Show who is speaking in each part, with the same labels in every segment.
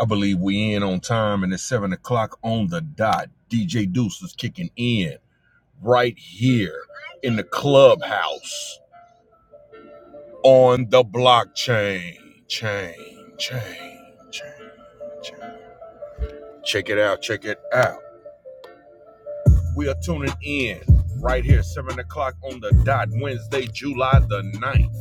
Speaker 1: I believe we in on time and it's seven o'clock on the dot. DJ Deuce is kicking in right here in the clubhouse on the blockchain. Chain, chain, chain, chain. Check it out, check it out. We are tuning in right here, seven o'clock on the dot, Wednesday, July the ninth.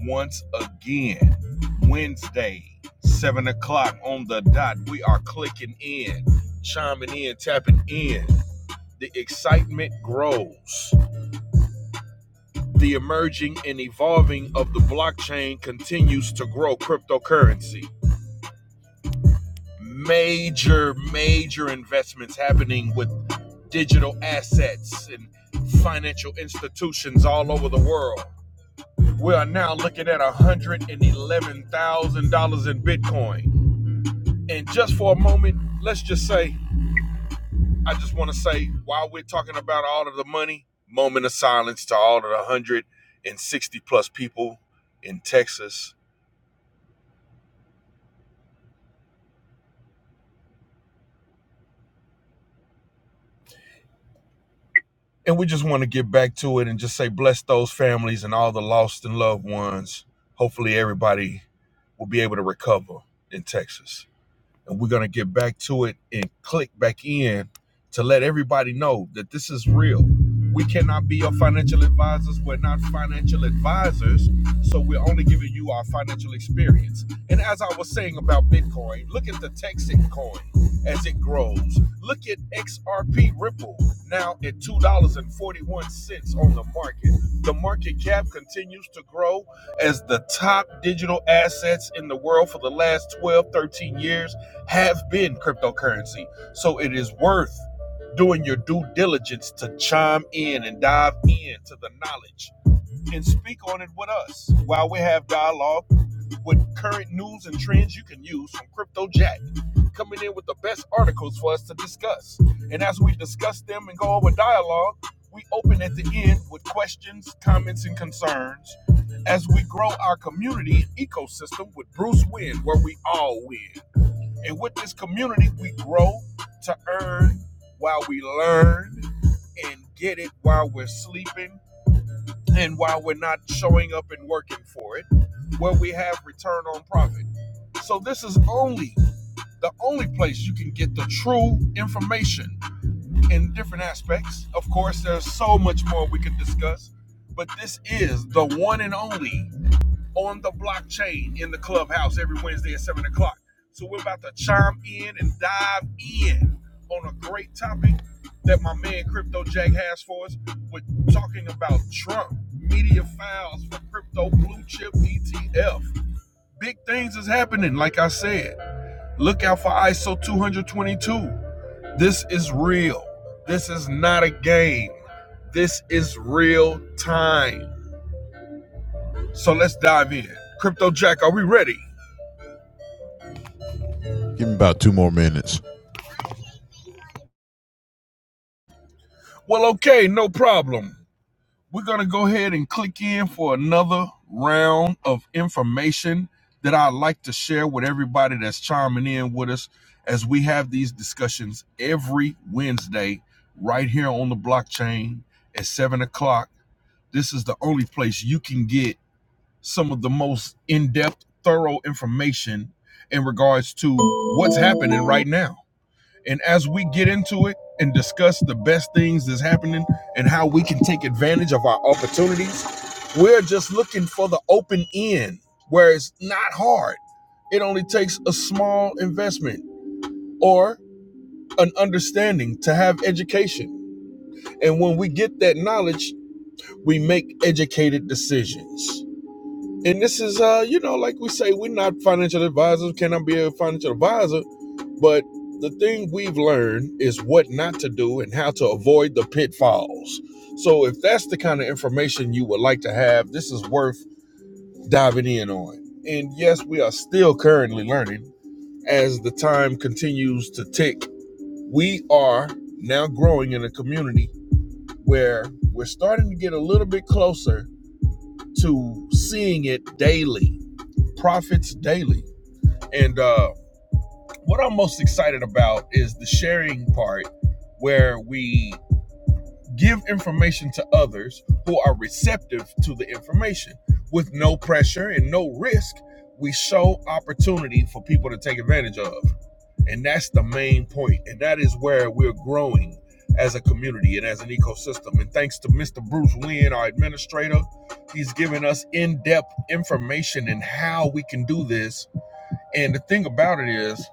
Speaker 1: once again. Wednesday, 7 o'clock on the dot. We are clicking in, chiming in, tapping in. The excitement grows. The emerging and evolving of the blockchain continues to grow cryptocurrency. Major, major investments happening with digital assets and financial institutions all over the world. We are now looking at $111,000 in Bitcoin. And just for a moment, let's just say, I just want to say, while we're talking about all of the money, moment of silence to all of the 160 plus people in Texas. And we just want to get back to it and just say, bless those families and all the lost and loved ones. Hopefully, everybody will be able to recover in Texas. and we're gonna get back to it and click back in to let everybody know that this is real. We cannot be your financial advisors. We're not financial advisors, so we're only giving you our financial experience. And as I was saying about Bitcoin, look at the Texan coin as it grows. Look at XRP Ripple now at two dollars and forty-one cents on the market. The market cap continues to grow as the top digital assets in the world for the last 12, 13 years have been cryptocurrency. So it is worth doing your due diligence to chime in and dive into the knowledge and speak on it with us while we have dialogue with current news and trends you can use from Crypto Jack, coming in with the best articles for us to discuss. And as we discuss them and go over dialogue, we open at the end with questions, comments, and concerns as we grow our community and ecosystem with Bruce Wynn, where we all win. And with this community, we grow to earn while we learn and get it while we're sleeping and while we're not showing up and working for it, where we have return on profit. So this is only the only place you can get the true information in different aspects. Of course, there's so much more we could discuss, but this is the one and only on the blockchain in the clubhouse every Wednesday at 7 o'clock. So we're about to chime in and dive in on a great topic that my man Crypto Jack has for us. We're talking about Trump, media files for crypto blue chip ETF. Big things is happening, like I said. Look out for ISO 222. This is real. This is not a game. This is real time. So let's dive in. Crypto Jack, are we ready?
Speaker 2: Give me about two more minutes.
Speaker 1: Well, okay, no problem. We're going to go ahead and click in for another round of information that I'd like to share with everybody that's chiming in with us as we have these discussions every Wednesday right here on the blockchain at 7 o'clock. This is the only place you can get some of the most in depth, thorough information in regards to what's happening right now. And as we get into it and discuss the best things that's happening and how we can take advantage of our opportunities, we're just looking for the open end where it's not hard. It only takes a small investment or an understanding to have education. And when we get that knowledge, we make educated decisions. And this is, uh, you know, like we say, we're not financial advisors, cannot be a financial advisor, but the thing we've learned is what not to do and how to avoid the pitfalls. So if that's the kind of information you would like to have, this is worth diving in on. And yes, we are still currently learning as the time continues to tick. We are now growing in a community where we're starting to get a little bit closer to seeing it daily Profits Daily. And uh, what I'm most excited about is the sharing part where we give information to others who are receptive to the information with no pressure and no risk. We show opportunity for people to take advantage of. And that's the main point. And that is where we're growing as a community and as an ecosystem. And thanks to Mr. Bruce Wynn, our administrator, he's given us in depth information in how we can do this and the thing about it is,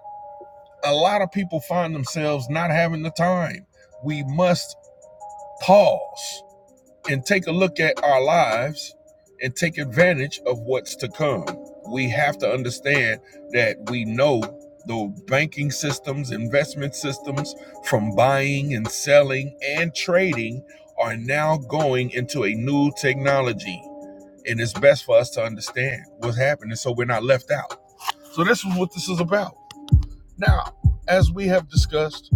Speaker 1: a lot of people find themselves not having the time. We must pause and take a look at our lives and take advantage of what's to come. We have to understand that we know the banking systems, investment systems from buying and selling and trading are now going into a new technology. And it's best for us to understand what's happening so we're not left out. So, this is what this is about now, as we have discussed,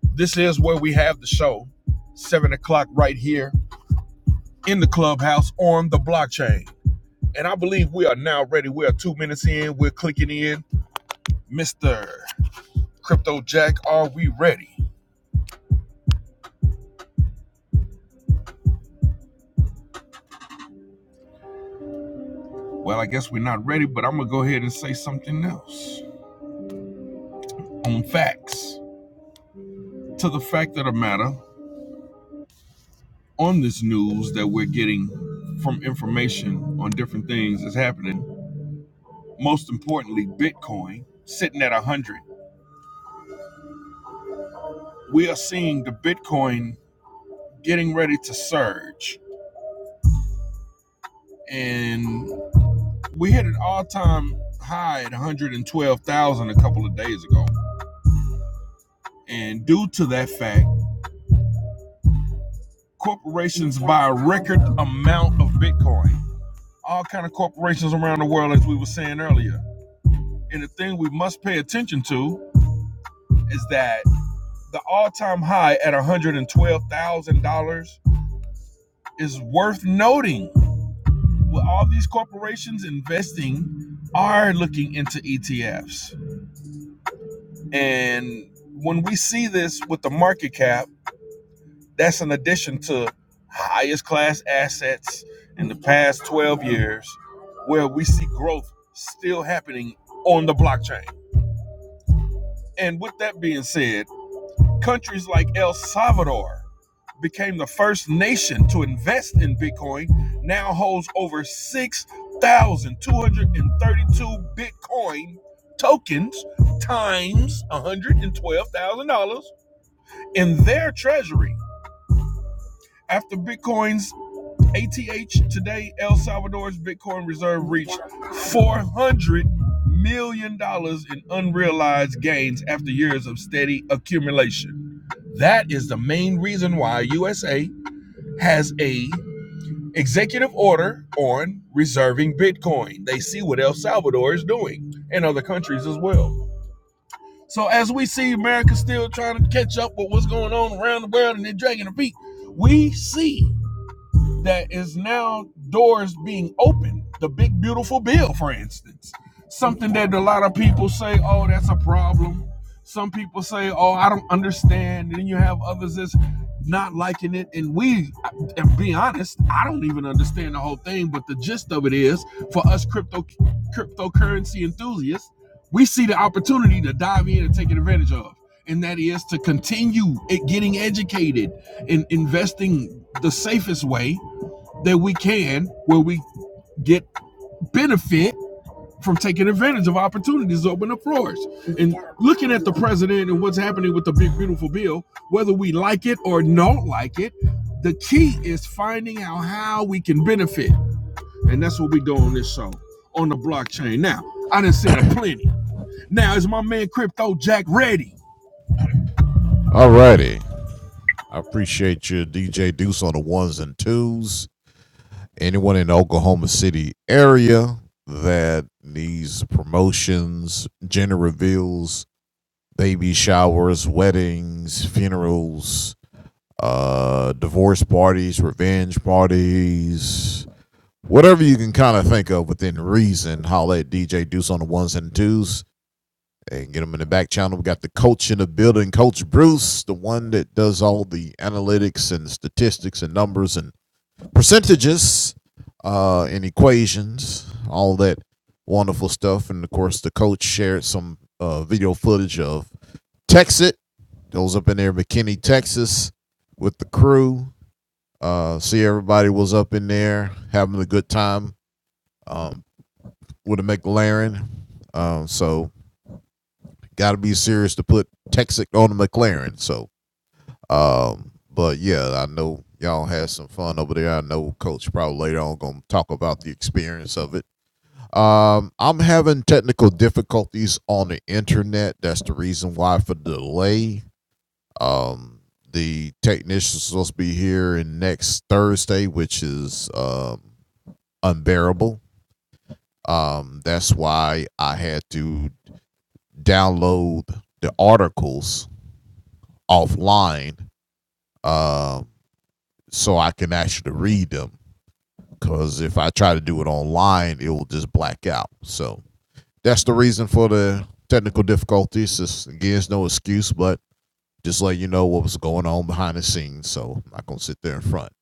Speaker 1: this is where we have the show, seven o'clock right here in the clubhouse on the blockchain. And I believe we are now ready. We are two minutes in. We're clicking in. Mr. Crypto Jack, are we ready? Well, I guess we're not ready, but I'm going to go ahead and say something else on facts. To the fact of the matter, on this news that we're getting from information on different things that's happening, most importantly, Bitcoin sitting at 100. we are seeing the Bitcoin getting ready to surge. And we hit an all time high at 112,000 a couple of days ago. And due to that fact, corporations buy a record amount of Bitcoin. All kind of corporations around the world, as we were saying earlier. And the thing we must pay attention to is that the all time high at $112,000 is worth noting With all these corporations investing are looking into ETFs. And when we see this with the market cap, that's an addition to highest class assets in the past 12 years where we see growth still happening on the blockchain. And with that being said, countries like El Salvador became the first nation to invest in Bitcoin, now holds over 6,232 Bitcoin tokens times $112,000 in their treasury. After Bitcoin's ATH today, El Salvador's Bitcoin reserve reached $400 million dollars in unrealized gains after years of steady accumulation. That is the main reason why USA has a executive order on reserving Bitcoin. They see what El Salvador is doing and other countries as well. So as we see America still trying to catch up with what's going on around the world and they're dragging their feet, we see that is now doors being opened. The big beautiful bill, for instance, something that a lot of people say, "Oh, that's a problem." Some people say, "Oh, I don't understand," and then you have others that's not liking it. And we, and be honest, I don't even understand the whole thing. But the gist of it is, for us crypto cryptocurrency enthusiasts, we see the opportunity to dive in and take advantage of. And that is to continue it getting educated and investing the safest way that we can where we get benefit from taking advantage of opportunities that open up floors, And looking at the president and what's happening with the big beautiful bill, whether we like it or don't like it, the key is finding out how we can benefit. And that's what we do on this show on the blockchain. Now, I didn't say it a plenty. Now is my man Crypto Jack ready?
Speaker 2: All righty. I appreciate you, DJ Deuce, on the ones and twos. Anyone in the Oklahoma City area that needs promotions, gender reveals, baby showers, weddings, funerals, uh, divorce parties, revenge parties, whatever you can kind of think of within reason, holla at DJ Deuce on the ones and twos. and get them in the back channel. We got the coach in the building, Coach Bruce, the one that does all the analytics and statistics and numbers and percentages uh, and equations, all that wonderful stuff. And of course, the coach shared some uh, video footage of Texit. those up in there, McKinney, Texas, with the crew. Uh, see, everybody was up in there having a good time um, with a McLaren. Um, so got to be serious to put Texas on the McLaren. So, um, but yeah, I know y'all had some fun over there. I know Coach probably later on going to talk about the experience of it. Um, I'm having technical difficulties on the internet. That's the reason why for the delay. Um, the technician's supposed to be here in next Thursday, which is um, unbearable. Um, that's why I had to download the articles offline um, so I can actually read them. Because if I try to do it online, it will just black out. So that's the reason for the technical difficulties. It's, again, it's no excuse, but just let you know what was going on behind the scenes. So I'm not gonna sit there in front.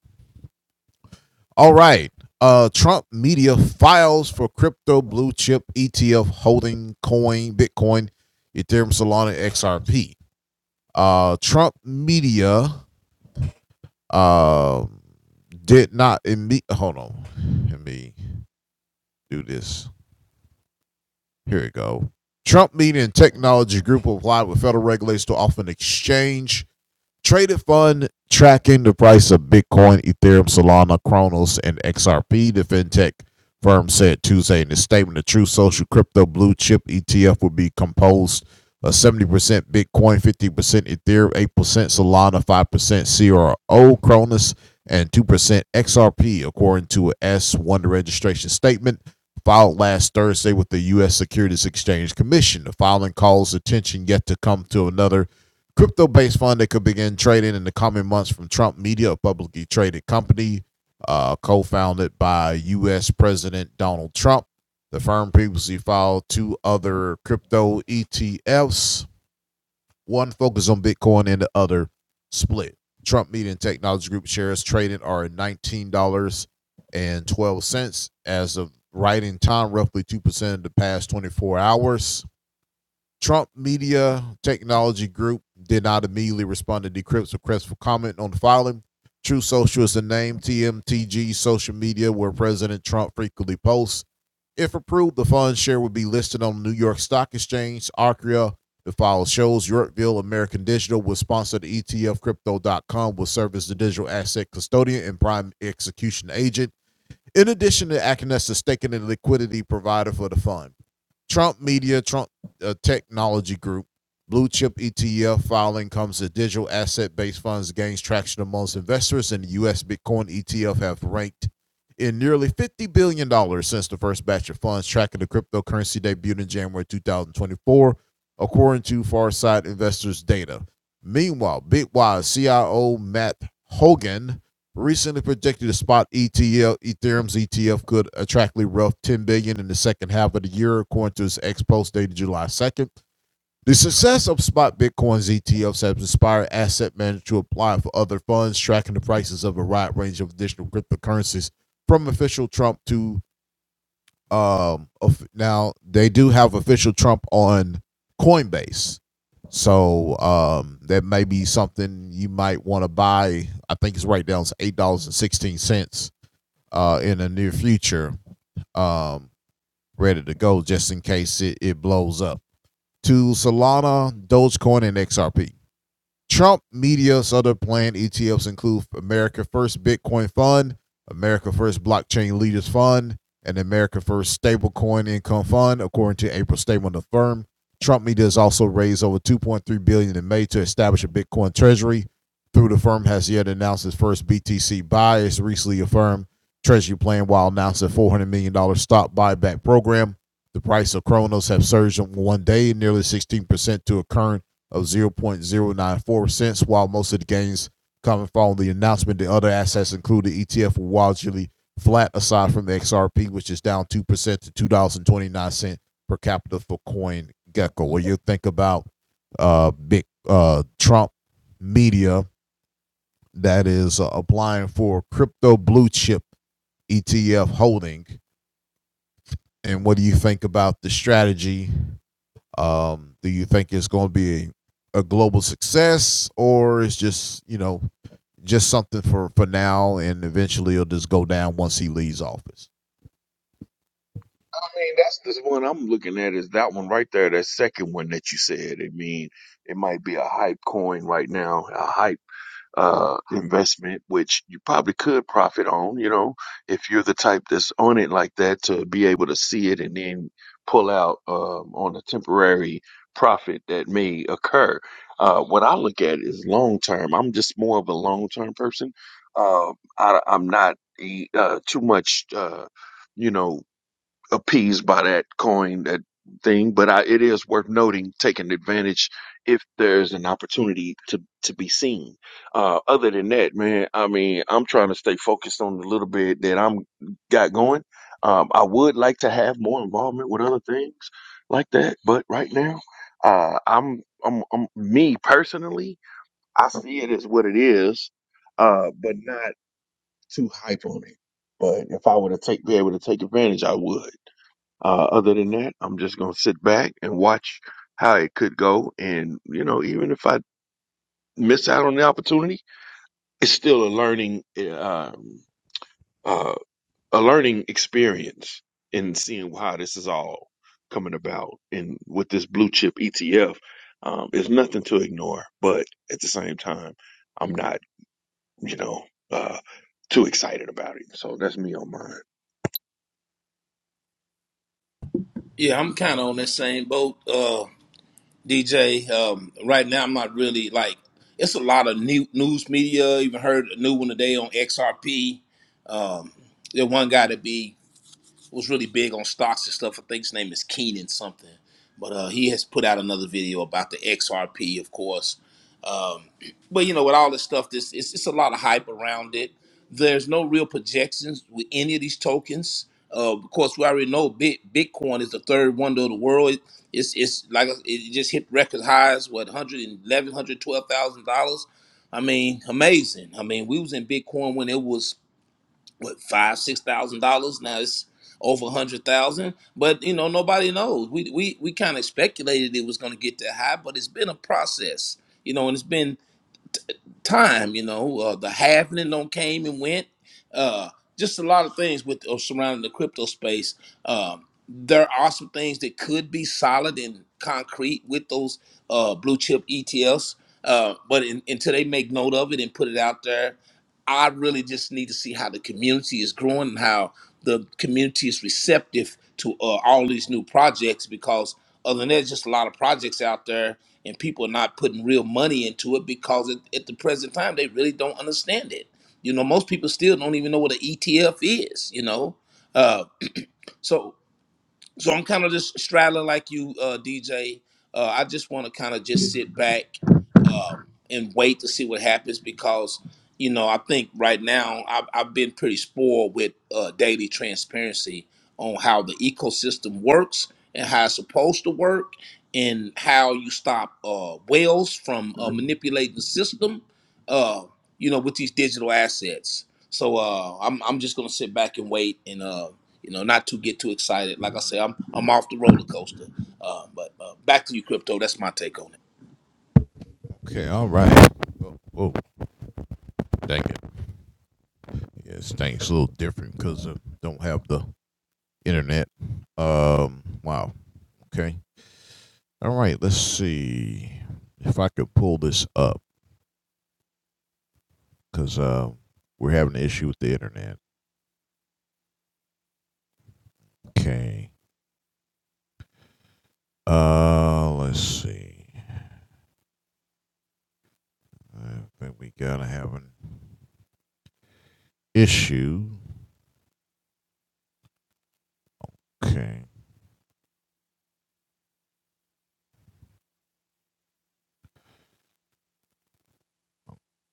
Speaker 2: All right. Uh, Trump media files for crypto blue chip ETF holding coin, Bitcoin, Ethereum, Solana, XRP. Uh, Trump media uh, did not imme- hold on. Let me do this. Here we go. Trump media and technology group will apply with federal regulators to offer an exchange Traded fund tracking the price of Bitcoin, Ethereum, Solana, Kronos, and XRP, the fintech firm said Tuesday in a statement. The True Social Crypto Blue Chip ETF will be composed of 70% Bitcoin, 50% Ethereum, 8% Solana, 5% CRO, Kronos, and 2% XRP, according to a S1 registration statement filed last Thursday with the U.S. Securities Exchange Commission. The filing calls attention yet to come to another crypto based fund that could begin trading in the coming months from Trump Media, a publicly traded company uh, co founded by U.S. President Donald Trump. The firm previously filed two other crypto ETFs, one focused on Bitcoin and the other split. Trump Media and Technology Group shares trading are $19.12 as of writing time, roughly 2% of the past 24 hours. Trump Media Technology Group did not immediately respond to Decrypt's request for comment on the filing. True Social is the name TMTG social media where President Trump frequently posts. If approved, the fund share would be listed on the New York Stock Exchange, Arcria. The file shows Yorkville American Digital will sponsor the ETF. Crypto.com will serve as the digital asset custodian and prime execution agent, in addition to acting as the staking and liquidity provider for the fund. Trump Media, Trump uh, Technology Group, Blue Chip ETF filing comes as digital asset based funds gains traction amongst investors, and the U.S. Bitcoin ETF have ranked in nearly $50 billion dollars since the first batch of funds tracking the cryptocurrency debuted in January 2024, according to Farsight Investors data. Meanwhile, Bitwise CIO Matt Hogan recently predicted the spot ETL Ethereum's ETF could attractly rough 10 billion dollars in the second half of the year, according to his ex post dated July 2nd. The success of spot Bitcoin's ETFs has inspired asset managers to apply for other funds, tracking the prices of a wide range of additional cryptocurrencies, from official Trump to um, now they do have official Trump on Coinbase, so um, that may be something you might want to buy. I think it's right down to eight dollars and sixteen cents uh, in the near future, um, ready to go just in case it, it blows up. To Solana, Dogecoin, and XRP. Trump media's other planned ETFs include America First Bitcoin Fund, America First Blockchain Leaders Fund, and America First Stablecoin Income Fund, according to April statement of the firm. Trump Media has also raised over 2.3 billion dollars in May to establish a Bitcoin treasury. Through the firm has yet announced its first BTC buy. It's recently affirmed treasury plan while announcing $400 million dollars stock buyback program. The price of Kronos have surged in one day, nearly 16% to a current of 0.094 cents, while most of the gains coming following the announcement. The other assets include the ETF were largely flat, aside from the XRP, which is down 2% to $2.29 per capita for Coin Gecko. What do you think about uh, big uh, Trump media that is uh, applying for crypto blue chip ETF holding? And what do you think about the strategy Um, do you think it's going to be a, a global success, or it's just you know just something for for now, and eventually it'll just go down once he leaves office?
Speaker 1: I mean, that's the one I'm looking at is that one right there, that second one that you said. I mean, it might be a hype coin right now, a hype. uh, investment, which you probably could profit on, you know, if you're the type that's on it like that to be able to see it and then pull out um, on a temporary profit that may occur. Uh, what I look at is long term. I'm just more of a long term person. Uh, I, I'm not a, uh, too much, uh, you know appeased by that coin, that thing. But I, it is worth noting, taking advantage if there's an opportunity to to be seen. Uh, other than that, man, I mean, I'm trying to stay focused on the little bit that I'm got going. Um, I would like to have more involvement with other things like that, but right now, uh, I'm, I'm I'm me personally, I see it as what it is, uh, but not too hype on it. But if I were to take be able to take advantage, I would. Uh, other than that, I'm just going to sit back and watch how it could go. And, you know, even if I miss out on the opportunity, it's still a learning, uh, uh, a learning experience in seeing how this is all coming about. And with this blue chip ETF, um, it's nothing to ignore, but at the same time, I'm not, you know, uh, too excited about it. So that's me on mine.
Speaker 3: Yeah, I'm kind of on that same boat, uh, DJ. Um, right now, I'm not really like it's a lot of new news media. Even heard a new one today on XRP. Um, the one got to be was really big on stocks and stuff. I think his name is Keenan something, but uh, he has put out another video about the XRP, of course. Um, but you know, with all this stuff, this it's, it's a lot of hype around it. There's no real projections with any of these tokens. Uh, of course, we already know Bit Bitcoin is the third wonder of the world. It- It's it's like it just hit record highs, what hundred and eleven hundred twelve thousand dollars. I mean, amazing. I mean, we was in Bitcoin when it was what five six thousand dollars now it's over a hundred thousand but you know nobody knows we we, we kind of speculated it was going to get that high but it's been a process you know and it's been time. You know, uh, the halvening don't came and went. Uh, just a lot of things with uh, surrounding the crypto space. Um, there are some things that could be solid and concrete with those uh, blue chip ETFs, uh, but in, until they make note of it and put it out there, I really just need to see how the community is growing and how the community is receptive to uh, all these new projects. Because other than that, just a lot of projects out there and people are not putting real money into it because at, at the present time they really don't understand it. You know, most people still don't even know what an ETF is. You know, uh, so so I'm kind of just straddling like you, uh, DJ. Uh, I just want to kind of just sit back um, and wait to see what happens because you know I think right now I've, I've been pretty spoiled with uh, daily transparency on how the ecosystem works and how it's supposed to work and how you stop uh, whales from uh, manipulating the system uh, you know with these digital assets so uh, I'm, I'm just gonna sit back and wait and uh, you know not to get too excited like I say I'm I'm off the roller coaster uh, but uh, back to you crypto that's my take on it
Speaker 2: Okay, all right. Oh, oh dang it! Yes, things a little different because I don't have the internet. Um, wow. Okay. All right. Let's see if I could pull this up because uh, we're having an issue with the internet. Okay. Uh, let's see. I think we gotta have an issue. Okay.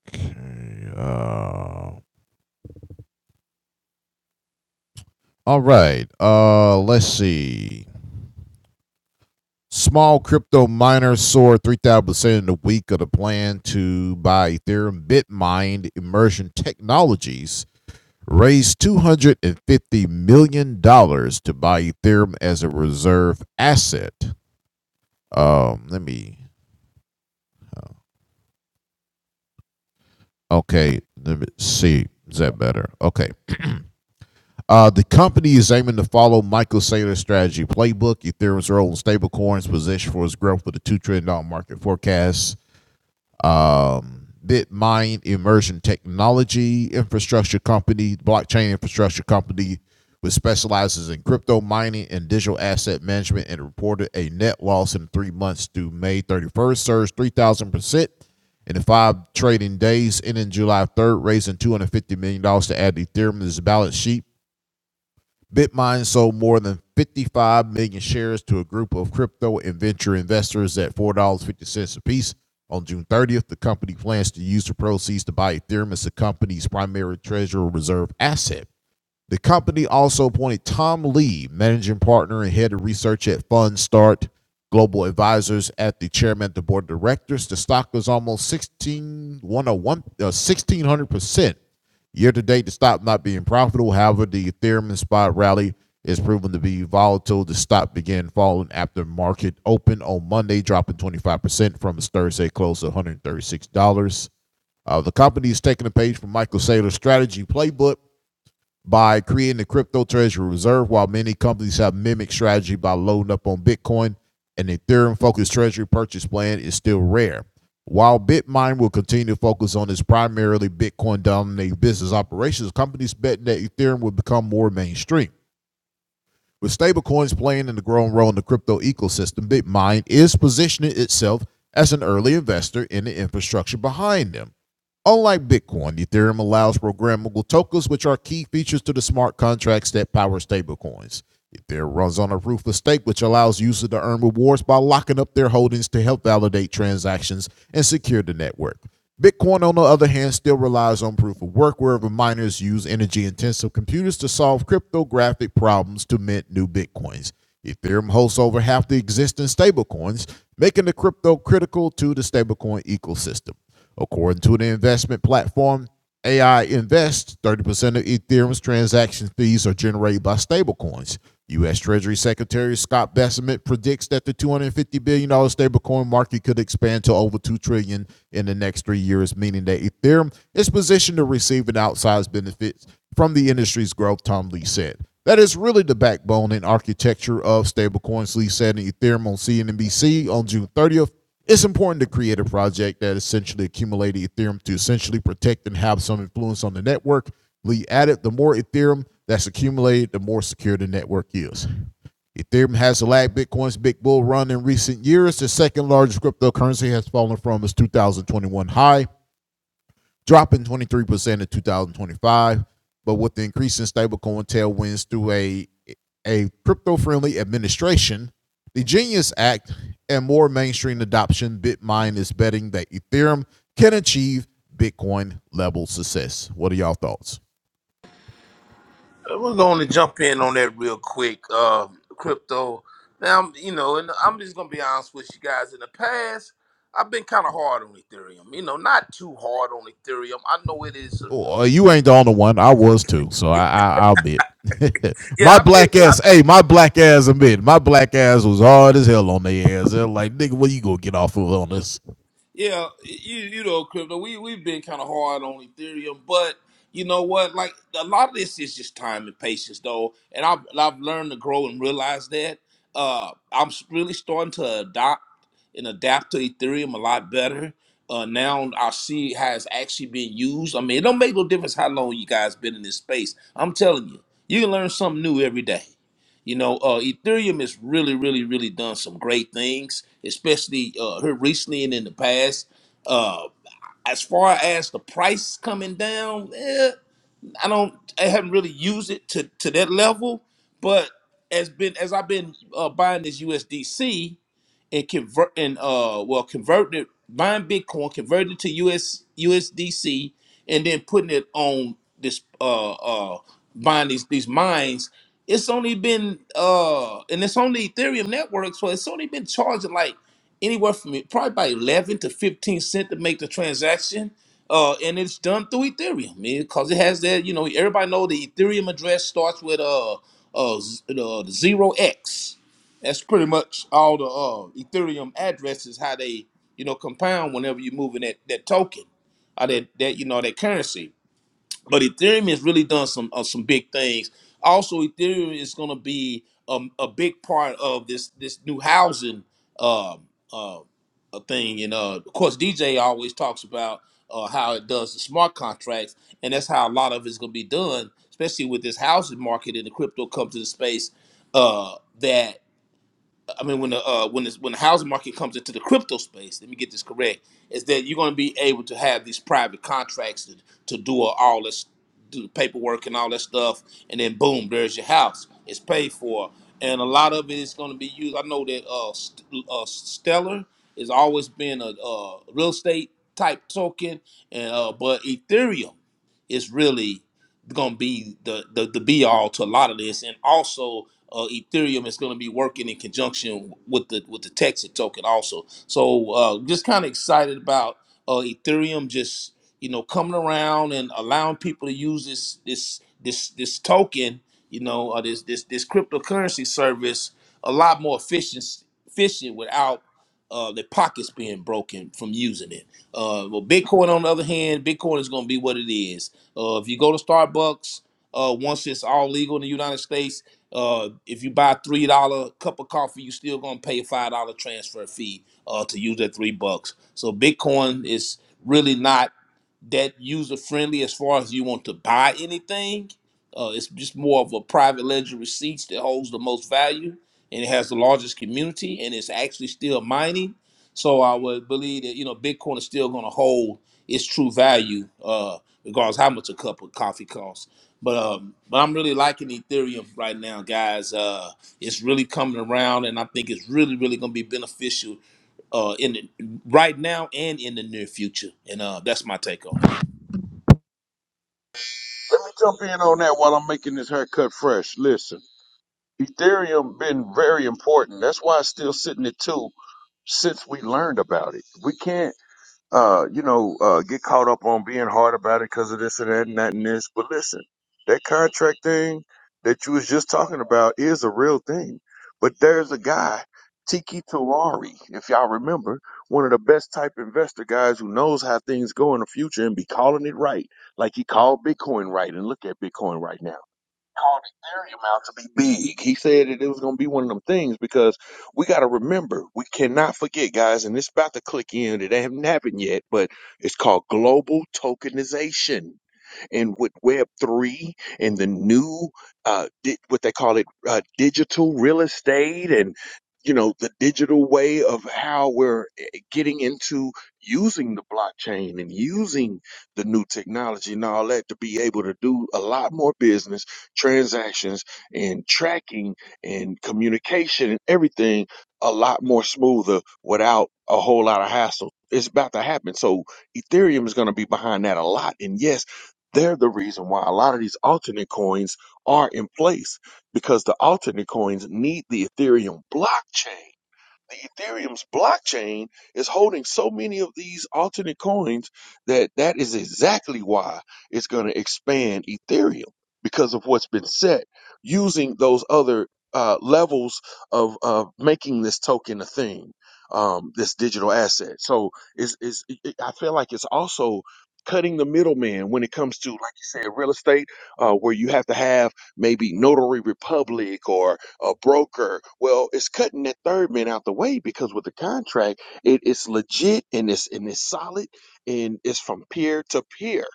Speaker 2: Okay. Uh, all right. Uh, let's see. Small crypto miner soared 3,000% in the week of the plan to buy Ethereum Bitmine Immersion Technologies raised $250 million dollars to buy Ethereum as a reserve asset. Um, let me Okay, let me see. Is that better? Okay. Uh, the company is aiming to follow Michael Saylor's strategy playbook. Ethereum's role in stablecoins position for its growth with a $2 trillion dollars market forecast um, BitMine Immersion Technology Infrastructure Company, blockchain infrastructure company, which specializes in crypto mining and digital asset management, and reported a net loss in three months through May 31st, surged 3,000% in the five trading days ending July 3rd, raising $250 million dollars to add Ethereum to its balance sheet Bitmine sold more than 55 million shares to a group of crypto and venture investors at $4.50 apiece. On June 30th, the company plans to use the proceeds to buy Ethereum as the company's primary treasury reserve asset. The company also appointed Tom Lee, managing partner and head of research at Fundstart Global Advisors, at the chairman of the board of directors. The stock was almost 16, 101, uh, 1600% year to date. The stock not being profitable. However, the Ethereum inspired rally is proven to be volatile. The stock began falling after market open on Monday, dropping 25% from its Thursday close of $136. Uh, the company is taking a page from Michael Saylor's strategy playbook by creating the crypto treasury reserve, while many companies have mimicked strategy by loading up on Bitcoin, an Ethereum focused treasury purchase plan is still rare. While BitMine will continue to focus on its primarily Bitcoin dominated business operations, companies bet that Ethereum will become more mainstream. With stablecoins playing in the growing role in the crypto ecosystem, BitMine is positioning itself as an early investor in the infrastructure behind them. Unlike Bitcoin, Ethereum allows programmable tokens, which are key features to the smart contracts that power stablecoins. Ethereum runs on a proof of stake, which allows users to earn rewards by locking up their holdings to help validate transactions and secure the network. Bitcoin, on the other hand, still relies on proof of work, wherever miners use energy intensive computers to solve cryptographic problems to mint new Bitcoins. Ethereum hosts over half the existing stablecoins, making the crypto critical to the stablecoin ecosystem. According to the investment platform AI Invest, 30% of Ethereum's transaction fees are generated by stablecoins. U.S. Treasury Secretary Scott Bessent predicts that the $250 billion dollars stablecoin market could expand to over $2 trillion dollars in the next three years, meaning that Ethereum is positioned to receive an outsized benefit from the industry's growth, Tom Lee said. That is really the backbone and architecture of stablecoins, Lee said in Ethereum on CNBC on June 30th. It's important to create a project that essentially accumulates Ethereum to essentially protect and have some influence on the network. Lee added, the more Ethereum that's accumulated, the more secure the network is. Ethereum has lagged Bitcoin's big bull run in recent years. The second largest cryptocurrency has fallen from its 2021 high dropping 23% in 2025. But with the increase in stablecoin tailwinds through a, a crypto friendly administration, the Genius Act, and more mainstream adoption, BitMine is betting that Ethereum can achieve Bitcoin level success. What are y'all thoughts?
Speaker 3: Uh, We're going to jump in on that real quick. Uh, crypto. Now, you know, and I'm just going to be honest with you guys. In the past, I've been kind of hard on Ethereum. You know, not too hard on Ethereum. I know it is. A,
Speaker 2: Oh, you ain't the only one. I was too. So I, I, I'll admit. my
Speaker 3: yeah, I've been.
Speaker 2: black ass, hey, my black ass admit, my black ass was hard as hell on their ass. They're like, nigga, what you gonna get off of on this?
Speaker 3: Yeah, you you know, crypto. We we've been kind of hard on Ethereum, but you know what? Like a lot of this is just time and patience, though. And I've I've learned to grow and realize that. Uh, I'm s- really starting to adopt and adapt to Ethereum a lot better. Uh, now I see how it's actually being used. I mean, it don't make no difference how long you guys been in this space. I'm telling you, you can learn something new every day. You know, uh, Ethereum has really, really, really done some great things, especially uh, here recently and in the past. Uh, as far as the price coming down, eh, I don't, I haven't really used it to to that level. But as been as I've been uh, buying this USDC, and convert and uh well converting it buying Bitcoin, converting it to US USDC, and then putting it on this uh uh buying these these mines. It's only been uh and it's only Ethereum network, so it's only been charging like anywhere from probably by eleven to fifteen cent to make the transaction. Uh, and it's done through Ethereum because it has that. You know, everybody know the Ethereum address starts with uh uh, z- uh zero X. That's pretty much all the uh, Ethereum addresses how they you know compound whenever you're moving that that token or that that you know that currency. But Ethereum has really done some uh, some big things. Also, Ethereum is going to be um, a big part of this this new housing um, uh, uh, thing. And uh, of course, DJ always talks about uh, how it does the smart contracts, and that's how a lot of it's going to be done, especially with this housing market and the crypto comes to the space. Uh, that I mean, when the uh, when this, when the housing market comes into the crypto space, let me get this correct, is that you're going to be able to have these private contracts to, to do all this, do the paperwork and all that stuff, and then boom, there's your house. It's paid for, and a lot of it is going to be used. I know that uh, St- uh Stellar has always been a, uh real estate type token, and uh, but Ethereum is really gonna be the the, the be all to a lot of this, and also uh, Ethereum is gonna be working in conjunction with the with the Texas token also. So uh, just kind of excited about uh, Ethereum just you know coming around and allowing people to use this this this this token, you know, uh, this this this cryptocurrency service a lot more efficient efficient without uh, their pockets being broken from using it. Uh, well, Bitcoin on the other hand, Bitcoin is going to be what it is. Uh, if you go to Starbucks, uh, once it's all legal in the United States, uh, if you buy a three dollar cup of coffee, you still going to pay a five dollar transfer fee uh, to use that three bucks. So Bitcoin is really not that user friendly as far as you want to buy anything. Uh, it's just more of a private ledger receipts that holds the most value and it has the largest community and it's actually still mining. So I would believe that you know Bitcoin is still going to hold its true value, uh, regardless how much a cup of coffee costs. But um, but I'm really liking Ethereum right now, guys. Uh, it's really coming around, and I think it's really really going to be beneficial uh, in the, right now and in the near future. And uh, that's my take on. it.
Speaker 1: Let me jump in on that while I'm making this haircut fresh. Listen. Ethereum been very important. That's why it's still sitting at two since we learned about it. We can't, uh, you know, uh, get caught up on being hard about it because of this and that and that and this. But listen, that contract thing that you was just talking about is a real thing. But there's a guy, Tiki Terari, if y'all remember, one of the best type investor guys who knows how things go in the future and be calling it right, like he called Bitcoin right. And look at Bitcoin right now called Ethereum out to be big. He said that it was going to be one of them things because we got to remember, we cannot forget, guys, and it's about to click in. It hasn't happened yet, but it's called global tokenization. And with Web3 and the new, uh, di- what they call it, uh, digital estate and, you know, the digital way of we're eh, eh, getting into using the blockchain and using the new all that to be able to do a lot more business and tracking and communication and everything a lot more smoother out. So, so yes, their coins are in place because the alternate coins need the Ethereum blockchain the Ethereum's blockchain is holding so many of these alternate coins that that is exactly why it's going to expand Ethereum because of what's been set using those other uh, levels of of making this token a thing, um, this digital asset. So it's, it's, it, I feel like it's also cutting the middleman when it comes to, like you said, real estate, uh, where you have to have maybe notary republic or a broker. Well, it's cutting that third man out the way because with the contract, it is legit and it's and it's solid and it's from peer to peer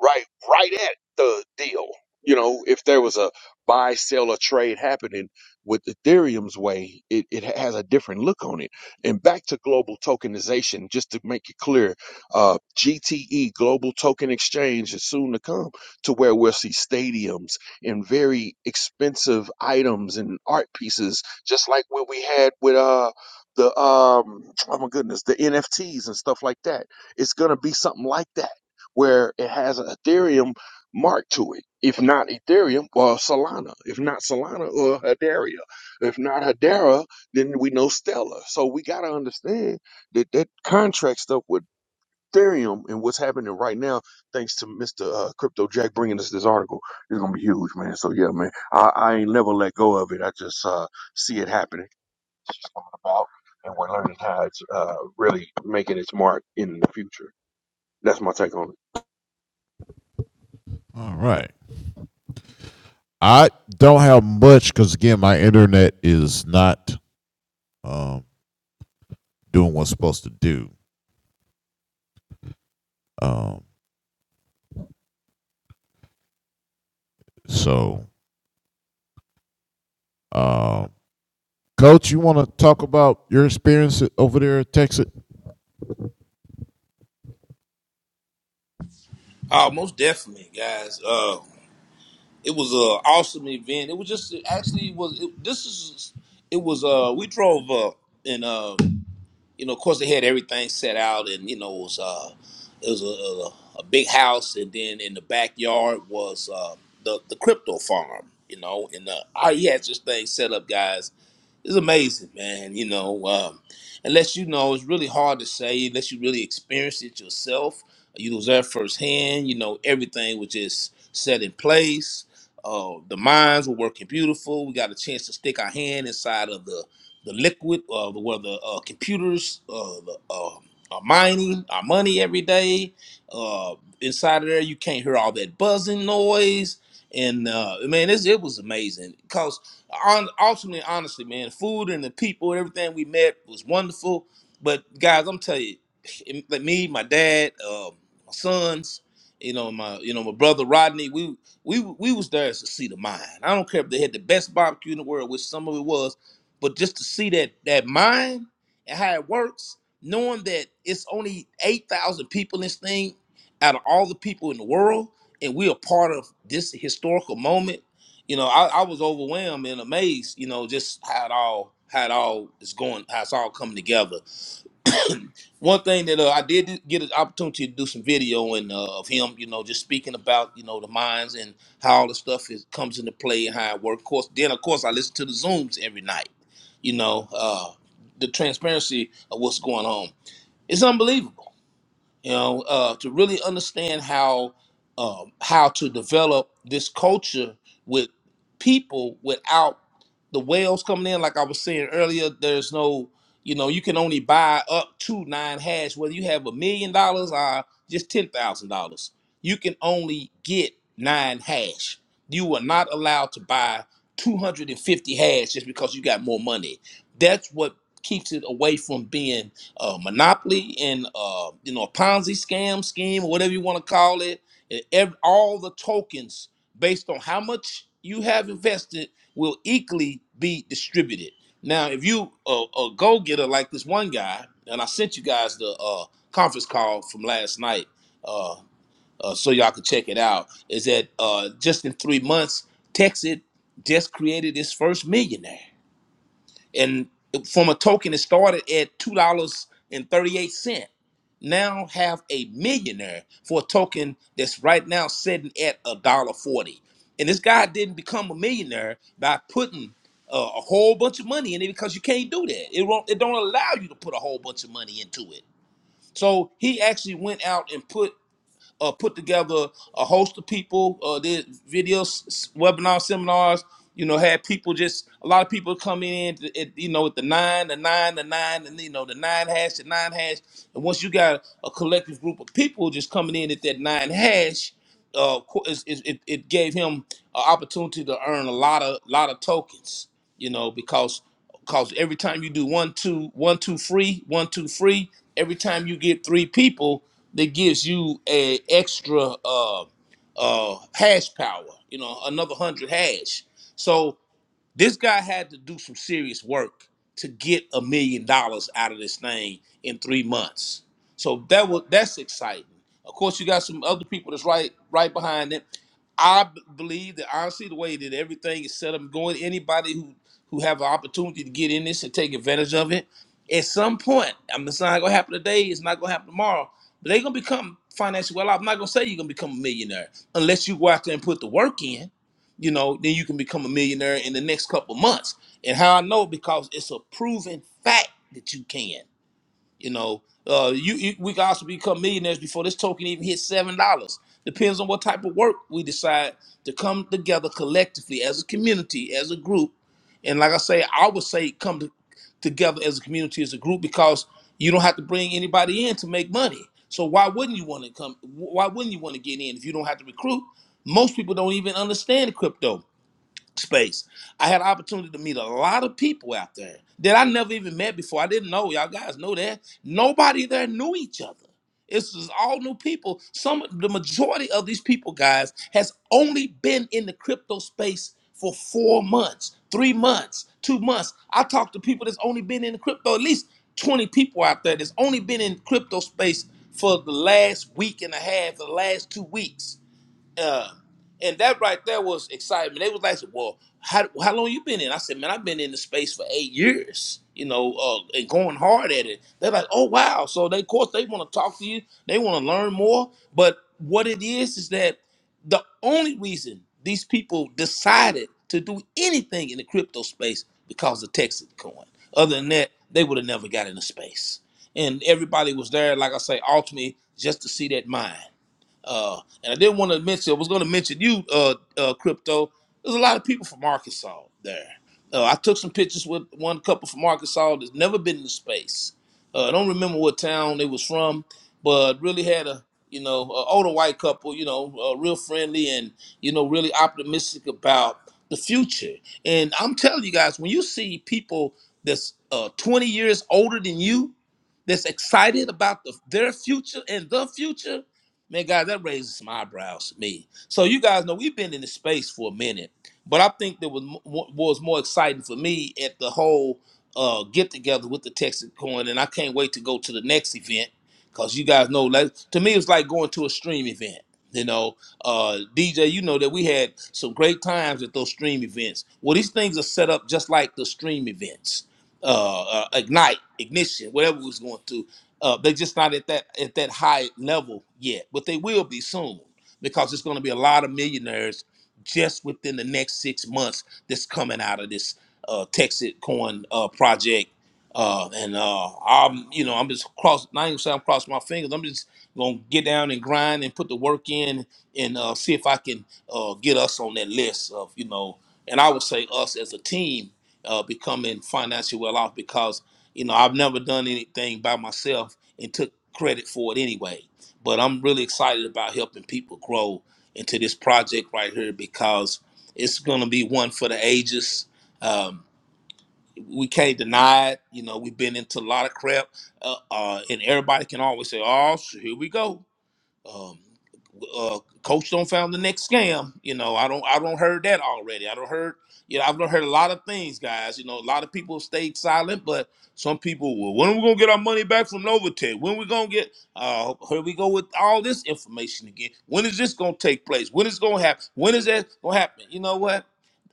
Speaker 1: right right at the deal. You know, if there was a buy, sell, or trade happening with Ethereum's way, it, it has a different look on it. And back to global tokenization, just to make it clear, uh, GTE, Global Token Exchange, is soon to come to where we'll see stadiums and very expensive items and art pieces, just like what we had with uh the um oh my goodness, the NFTs and stuff like that. It's gonna be something like that where it has an Ethereum mark to it. If not Ethereum, well, Solana. If not Solana, or Hedera. If not Hedera, then we know Stellar. So we got to understand that that contract stuff with Ethereum and what's happening right now, thanks to Mr. Uh, Crypto Jack bringing us this article, is going to be huge, man. So yeah, man, I, I ain't never let go of it. I just uh, see it happening about, and we're learning how it's uh, really making its mark in the future. That's my take on it.
Speaker 2: All right. I don't have much because again, my internet is not um, doing what's supposed to do. Um, so, uh, Coach, you want to talk about your experience over there at Texas?
Speaker 3: Oh, most definitely, guys. Uh, it was an awesome event. It was just it actually it was it, this is it was uh we drove up and uh you know of course they had everything set out and you know it was uh it was a, a, a big house and then in the backyard was uh, the the crypto farm you know and uh, I, he had this thing set up guys it's amazing, man. You know, um, unless you know, it's really hard to say unless you really experience it yourself. You was there firsthand. You know, everything was just set in place. Uh, the mines were working beautiful. We got a chance to stick our hand inside of the the liquid, uh, the, where the uh, computers, uh, the uh, are mining our money every day. Uh, inside of there, you can't hear all that buzzing noise. And uh, man, it's, it was amazing on ultimately, honestly, man, food and the people and everything we met was wonderful. But guys, I'm telling you, it- like me, my dad, um, my sons, you know, my you know, my brother Rodney, we we we was there to see the mine. I don't care if they had the best barbecue in the world, which some of it was, but just to see that that mine and how it works, knowing that it's only eight thousand people in this thing out of all the people in the world, and we are part of this historical moment you know, I, I was overwhelmed and amazed, you know, just how it all how it all is going, how it's all coming together. One thing that uh, I did get an opportunity to do some video and uh, of him, you know, just speaking about you know the minds and how all the stuff is comes into play and how it works. Of course, then of course I listen to the zooms every night. You know, uh, the transparency of what's going on. It's unbelievable you know, uh, to really understand how um, how to develop this culture with people without the whales coming in. Like I was saying earlier, there's no, you know, you can only buy up to nine hash, whether you have a million dollars or just ten thousand dollars. You can only get nine hash. You are not allowed to buy 250 hash just because you got more money. That's what keeps it away from being uh, monopoly and uh, you know a Ponzi scam scheme or whatever you want to call it. And ev- all the tokens based on how much you have invested will equally be distributed. Now, if you a, a go getter like this one guy, and I sent you guys the uh, conference call from last night, uh, uh, so y'all can check it out. Is that uh, just in three months, Texas just created its first millionaire and from a token it started at two dollars and 38 cent now have a millionaire for a token that's right now sitting at a dollar 40 and this guy didn't become a millionaire by putting uh, a whole bunch of money in it because you can't do that it won't it don't allow you to put a whole bunch of money into it so he actually went out and put uh, put together a host of people, uh, did videos, webinars, seminars. You know, had people just a lot of people come in, to- at, you know, with the nine, the nine, the nine, and you know, the nine hash, the nine hash. And once you got a collective group of people just coming in at that nine hash, uh, qu- is- is- it, it gave him an opportunity to earn a lot of lot of tokens, you know, because because every time you do one two one two free one two free, every time you get three people, that gives you a extra uh, uh, hash power, you know, another hundred hash. So this guy had to do some serious work to get a million dollars out of this thing in three months. So that was that's exciting. Of course, you got some other people that's right right behind it. I b- believe that honestly, the way that everything is set up, and going anybody who who have an opportunity to get in this and take advantage of it, at some point, I'm it's not gonna happen today. It's not gonna happen tomorrow. But they're gonna become financially well off. I'm not gonna say you're gonna become a millionaire unless you go out there and put the work in you know, then you can become a millionaire in the next couple months. And how I know because it's a proven fact that you can. You know, uh, you, you we can also become millionaires before this token even hits seven dollars. Depends on what type of work we decide to come together collectively as a community, as a group. And like I say, I would say come to, together as a community, as a group, because you don't have to bring anybody in to make money. So why wouldn't you want to come? Why wouldn't you want to get in if you don't have to recruit? Most people don't even understand crypto space. I had an opportunity to meet a lot of people out there that I never even met before. I didn't know. Y'all guys know that. Nobody there knew each other. It's just all new people. Some the majority of these people, guys, has only been in the crypto space for four months, three months, two months. I talked to people that's only been in the crypto, at least 20 people out there that's only been in crypto space for the last week and a half, the last two weeks uh, and that right there was excitement. They was like, "Well, how how long you been in?" I said, "Man, I've been in the space for eight years, you know, uh, and going hard at it." They're like, "Oh wow!" So they, of course, they want to talk to you. They want to learn more. But what it is is that the only reason these people decided to do anything in the crypto space because of Texas coin. Other than that, they would have never got into space. And everybody was there, like I say, ultimately just to see that mine. Uh, and I didn't want to mention, I was going to mention you, uh, uh, Crypto. There's a lot of people from Arkansas there. Uh, I took some pictures with one couple from Arkansas that's never been in the space. Uh, I don't remember what town they was from, but really had a, you know, a older white couple, you know, uh, real friendly and, you know, really optimistic about the future. And I'm telling you guys, when you see people that's uh, 20 years older than you, that's excited about the, their future and the future, Man, guys, that raises some eyebrows to me. So you guys know we've been in the space for a minute, but I think that was mo- was more exciting for me at the whole uh, get together with the Texas Coin, and I can't wait to go to the next event because you guys know, like to me, it's like going to a stream event. You know, uh, DJ, you know that we had some great times at those stream events. Well, these things are set up just like the stream events, uh, uh, ignite, ignition, whatever we was going through uh, they're just not at that at that high level yet, but they will be soon because there's going to be a lot of millionaires just within the next six months that's coming out of this uh, Texas Coin uh, project. Uh, and uh, I'm, you know, I'm just cross. Not even saying I'm crossing my fingers. I'm just gonna get down and grind and put the work in and uh, see if I can uh, get us on that list of, you know, and I would say us as a team uh, becoming financially well off because you know i've never done anything by myself and took credit for it anyway but i'm really excited about helping people grow into this project right here because it's going to be one for the ages um, we can't deny it you know we've been into a lot of crap uh, uh, and everybody can always say oh so here we go um, uh, coach don't found the next scam. You know, I don't I don't heard that already. I don't heard you know I've done heard a lot of things, guys. You know, a lot of people stayed silent, but some people well, when are we gonna get our money back from Novatech? When we gonna get? Uh, here we go with all this information again. When is this gonna take place? When is it gonna happen? When is that gonna happen? You know what?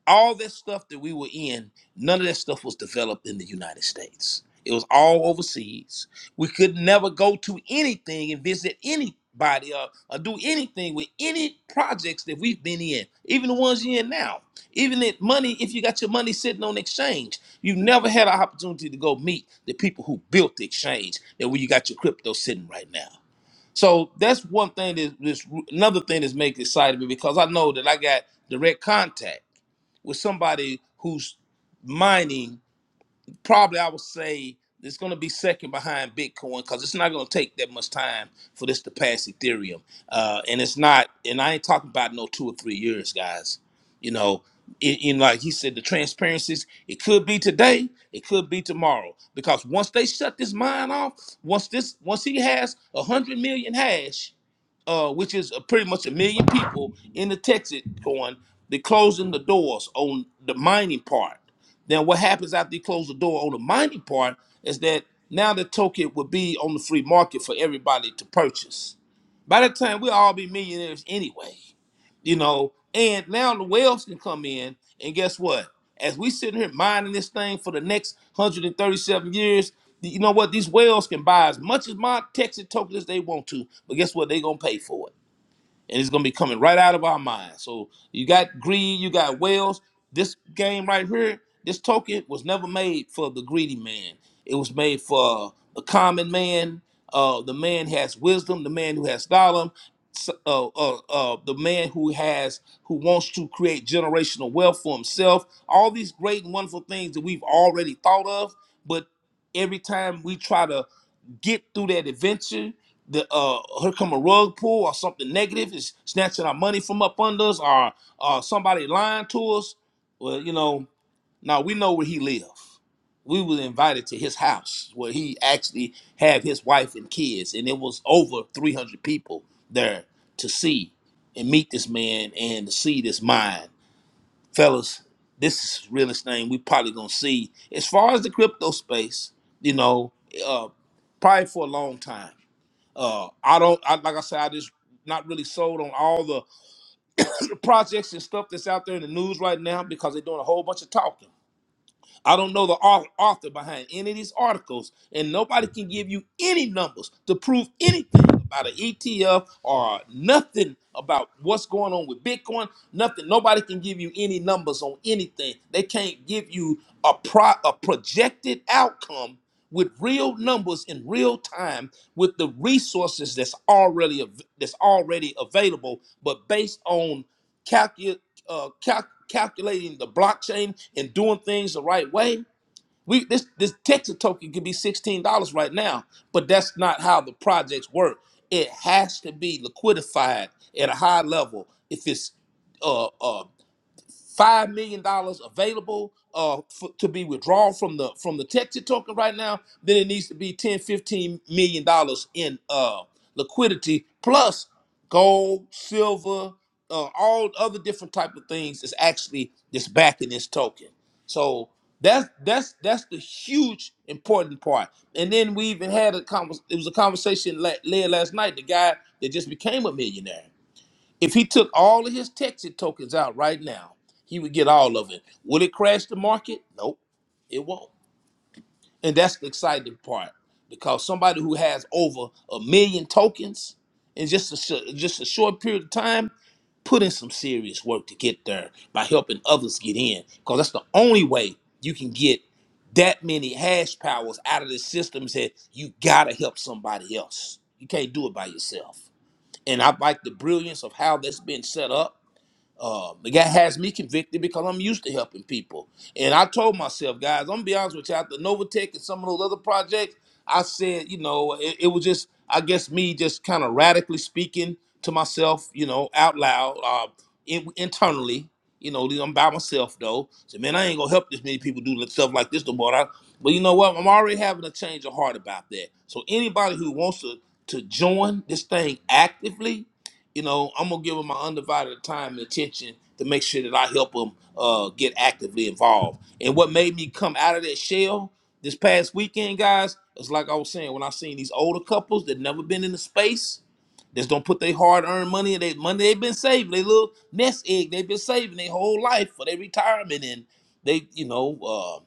Speaker 3: all this stuff that we were in, none of that stuff was developed in the United States. It was all overseas. We could never go to anything and visit anybody or, or do anything with any projects that we've been in, even the ones you're in now. Even that money, if you got your money sitting on exchange, you never had an opportunity to go meet the people who built the exchange that where you got your crypto sitting right now. So that's one thing that this another thing that's making excited me because I know that I got direct contact with somebody who's mining, probably I would say it's going to be second behind Bitcoin because it's not going to take that much time for this to pass Ethereum. Uh, and it's not, and I ain't talking about no two or three years, guys. You know, it, you know. like he said, the transparencies, it could be today, it could be tomorrow. Because once they shut this mine off, once this, once he has a hundred million hash, uh, which is uh, pretty much a million people in the Texas going, they're closing the doors on the mining part. Then what happens after you close the door on the mining part is that now the token will be on the free market for everybody to purchase. By that time, we'll all be millionaires anyway you know. And now the whales can come in, and guess what? As we sitting here mining this thing for the next 137 years, you know what? These whales can buy as much as my Texas token as they want to, but guess what? They're gonna pay for it and it's gonna be coming right out of our minds. So you got greed, you got whales. This game right here, this token was never made for the greedy man. It was made for the common man, uh, the man who has wisdom, the man who has style, uh, uh, uh, the man who has who wants to create generational wealth for himself. All these great and wonderful things that we've already thought of, but every time we try to get through that adventure. The uh, her come a rug pull or something negative is snatching our money from up under us, or or somebody lying to us. Well, you know, now we know where he lived. We was invited to his house where he actually had his wife and kids, and it was over three hundred people there to see and meet this man and to see this mind fellas, this is the realest thing we probably gonna see as far as the crypto space. You know, uh, probably for a long time. Uh, I don't I, like I said. I just not really sold on all the projects and stuff that's out there in the news right now because they're doing a whole bunch of talking. I don't know the au- author behind any of these articles, and nobody can give you any numbers to prove anything about an ETF or nothing about what's going on with Bitcoin. Nothing. Nobody can give you any numbers on anything. They can't give you a pro a projected outcome with real numbers in real time with the resources that's already av- that's already available, but based on calcu- uh, cal- calculating the blockchain and doing things the right way. We this this Texas token could be sixteen dollars right now, but that's not how the projects work. It has to be liquidified at a high level if it's uh, uh, five million dollars available uh for, to be withdrawn from the from the Texas token right now, then it needs to be ten, fifteen million dollars in uh liquidity plus gold, silver, uh, all other different type of things is actually that's backing this token. So that's that's that's the huge important part. And then we even had a convers- it was a conversation la- led last night. The guy that just became a millionaire. If he took all of his Texas tokens out right now, he would get all of it. Will it crash the market? Nope, it won't. And that's the exciting part because somebody who has over a million tokens in just a sh- just a short period of time put in some serious work to get there by helping others get in because that's the only way you can get that many hash powers out of the systems that you gotta help somebody else. You can't do it by yourself. And I like the brilliance of how that's been set up um, the guy has me convicted because I'm used to helping people. And I told myself, guys, I'm gonna be honest with you, after Novatech and some of those other projects, I said, you know, it, it was just, I guess, me just kind of radically speaking to myself, you know, out loud, uh, in, internally. You know, I'm by myself though. So man, I ain't gonna help this many people do stuff like this no more. I- But you know what? I'm already having a change of heart about that. So anybody who wants to to join this thing actively, you know, I'm gonna give them my undivided time and attention to make sure that I help them uh, get actively involved. And what made me come out of that shell this past weekend, guys, is like I was saying when I seen these older couples that never been in the space, that's don't put their hard earned money and they money they've been saving, they little nest egg they've been saving their whole life for their retirement and they, you know, uh,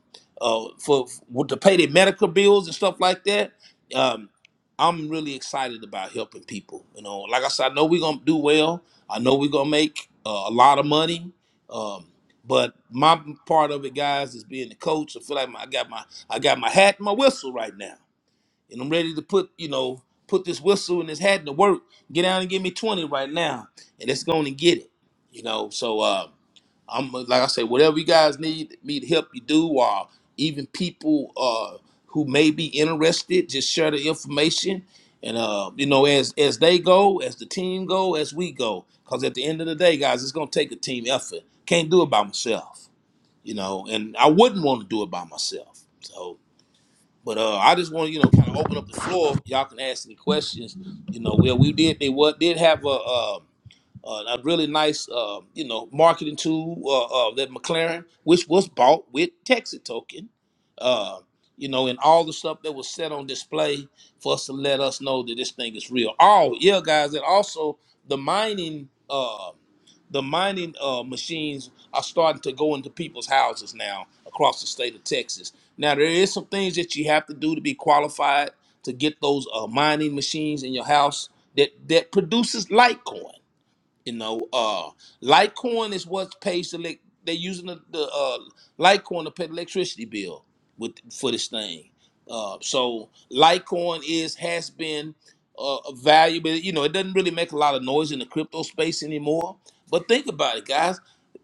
Speaker 3: uh, for, for to pay their medical bills and stuff like that. Um, I'm really excited about helping people. You know, like I said, I know we're gonna do well. I know we're gonna make uh, a lot of money. Um, but my part of it, guys, is being the coach. I feel like my, I got my I got my hat and my whistle right now, and I'm ready to put you know put this whistle and this hat to work. Get down and give me 20 right now, and it's going to get it. You know, so. Uh, I'm like I say, whatever you guys need me to help you do, or even people uh, who may be interested, just share the information. And uh, you know, as as they go, as the team go, as we go, because at the end of the day, guys, it's gonna take a team effort. Can't do it by myself, you know. And I wouldn't want to do it by myself. So but uh, I just want to, you know, kind of open up the floor. Y'all can ask any questions. You know, well, we did they what did have a uh, uh, a really nice, uh, you know, marketing tool uh, uh, that McLaren, which was bought with Texas token. Uh, you know, and all the stuff that was set on display for us to let us know that this thing is real. Oh, yeah, guys, and also the mining, uh, the mining uh, machines are starting to go into people's houses now across the state of Texas. Now there is some things that you have to do to be qualified to get those uh, mining machines in your house that that produces Litecoin. You know, uh, Litecoin is what pays the elec- they're using the, the uh, Litecoin to pay the electricity bill with for this thing. Uh, so Litecoin is has been uh, valuable. You know, it doesn't really make a lot of noise in the crypto space anymore. But think about it, guys.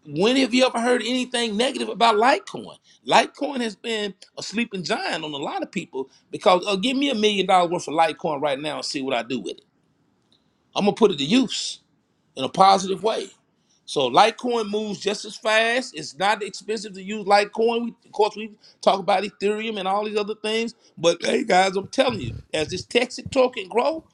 Speaker 3: When have you ever heard anything negative about Litecoin? Litecoin has been a sleeping giant on a lot of people because uh, give me a million dollars worth of Litecoin right now and see what I do with it. I'm gonna put it to use in a positive way. So Litecoin moves just as fast. It's not expensive to use Litecoin. We, of course, we talk about Ethereum and all these other things. But hey, guys, I'm telling you, as this Texas token grow,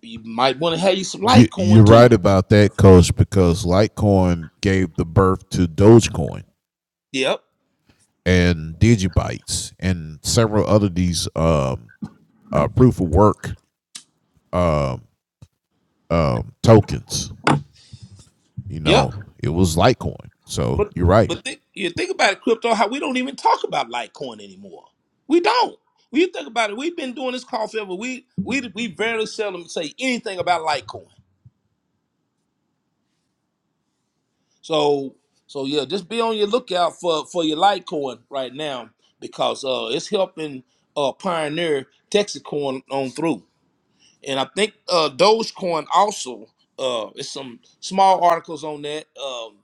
Speaker 3: you might want to have you some
Speaker 2: You, you're
Speaker 3: Litecoin too.
Speaker 2: right about that, Coach, because Litecoin gave the birth to Dogecoin
Speaker 3: Yep,
Speaker 2: and Digibytes and several other these um, uh, proof of work um, um, tokens. You
Speaker 3: yep.
Speaker 2: know, it was Litecoin. So
Speaker 3: But
Speaker 2: you're right.
Speaker 3: but think you think about it, crypto. How we don't even talk about Litecoin anymore. We don't. When you think about it, we've been doing this call forever. We we we barely seldom say anything about Litecoin. So so yeah, just be on your lookout for for your Litecoin right now because uh it's helping uh pioneer Texas coin on through and I think uh, Dogecoin also. Uh, it's some small articles on that. Um,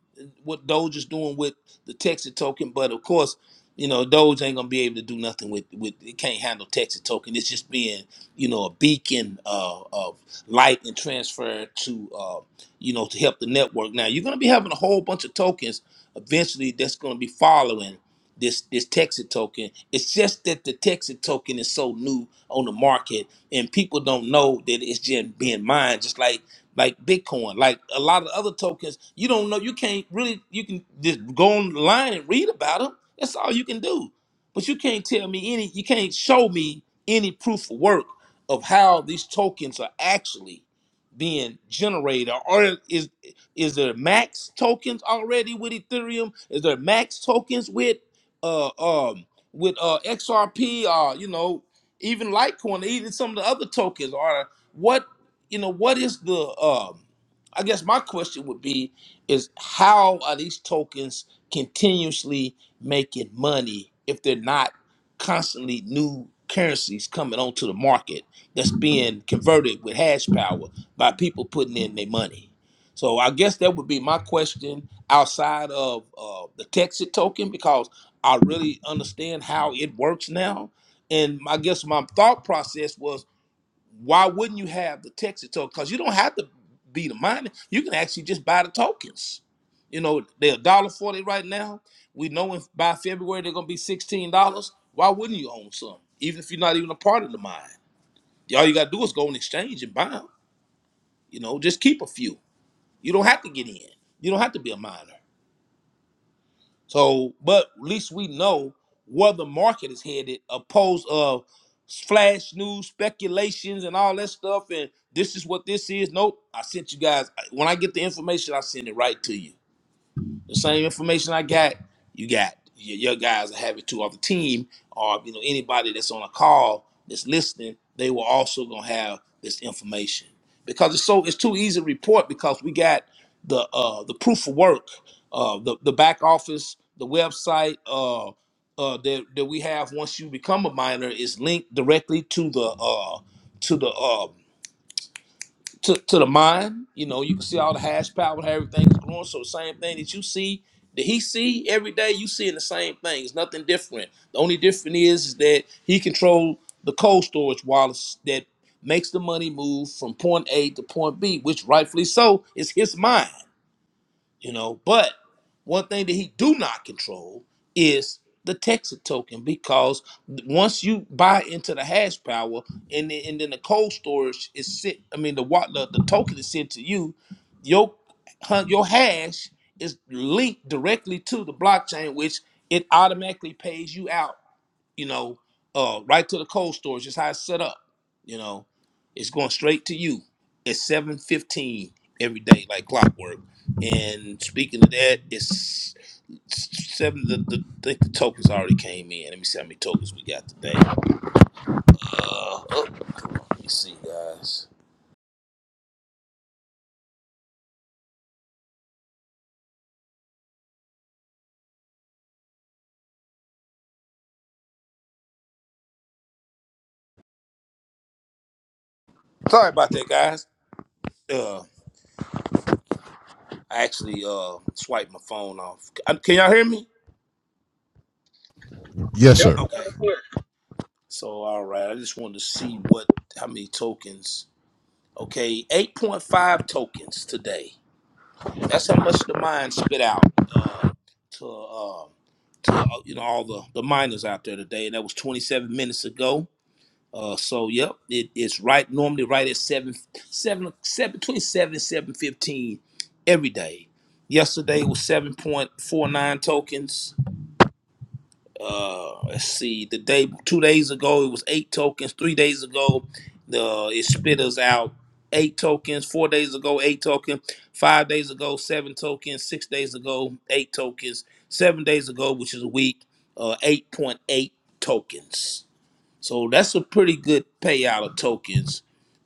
Speaker 3: what Doge is doing with the Texas token, but of course, you know Doge ain't gonna be able to do nothing with with. It can't handle Texas token. It's just being you know a beacon uh, of light and transfer to uh, you know to help the network. Now you're gonna be having a whole bunch of tokens eventually that's gonna be following this this Texas token. It's just that the Texas token is so new on the market and people don't know that it's just being mined just like like bitcoin like a lot of other tokens you don't know you can't really you can just go online and read about them that's all you can do but you can't tell me any you can't show me any proof of work of how these tokens are actually being generated or is is there max tokens already with ethereum is there max tokens with uh um with uh xrp uh you know even Litecoin, even some of the other tokens are what you know. What is the? Um, I guess my question would be: Is how are these tokens continuously making money if they're not constantly new currencies coming onto the market that's being converted with hash power by people putting in their money? So I guess that would be my question outside of uh, the Texas token because I really understand how it works now and my- I guess my thought process was, why wouldn't you have the Texas token? Because you don't have to be the miner. You can actually just buy the tokens. You know, they're a dollar forty right now. We know if by February they're gonna be sixteen dollars. Why wouldn't you own some? Even if you're not even a part of the mine. All you gotta do is go on exchange and buy them. You know, just keep a few. You don't have to get in. You don't have to be a miner. So, but at least we know where the market is headed, opposed of flash news, speculations, and all that stuff. And this is what this is. Nope. I sent you guys when I get the information, I send it right to you. The same information I got, you got. Your, your guys will have it too, or the team, or you know anybody that's on a call that's listening. They will also gonna have this information because it's so it's too easy to report because we got the uh, the proof of work, uh, the the back office, the website uh, uh, that that we have once you become a minor is linked directly to the uh, to the uh, to, to the mind. You know, you can see all the hash power, how everything's growing. So the same thing that you see, that he see every day, you seeing the same thing. It's nothing different. The only difference is, is that he control the cold storage wallets that makes the money move from point A to point B, which rightfully so is his mind you know. But one thing that he do not control is the Texas token because once you buy into the hash power and then, and then the cold storage is sent, I mean the what the, the token is sent to you, your hun- your hash is linked directly to the blockchain, which it automatically pays you out you know, uh, right to the cold storage. Just how it's set up. You know, it's going straight to you at seven fifteen every day, like clockwork. And speaking of that, it's seven. The, the I think the tokens already came in. Let me see how many tokens we got today. Uh, oh, let me see, guys. Sorry about that, guys. Uh, I actually uh swiped my phone off. Uh, Can y'all hear me?
Speaker 2: Yes, sir.
Speaker 3: Okay.
Speaker 1: Yep.
Speaker 3: So all right, I just wanted to see what how many tokens. Okay, 8.5 tokens today. That's how much the mine spit out uh, to um to uh, you know all the the miners out there today, and that was 27 minutes ago. Uh, so yep, it is right normally right at seven seven seven between seven and seven fifteen every day. Yesterday was 7.49 tokens uh let's see the day two days ago it was eight tokens three days ago the it split us out eight tokens four days ago eight token five days ago seven tokens six days ago eight tokens seven days ago which is a week uh 8.8 tokens so that's a pretty good payout of tokens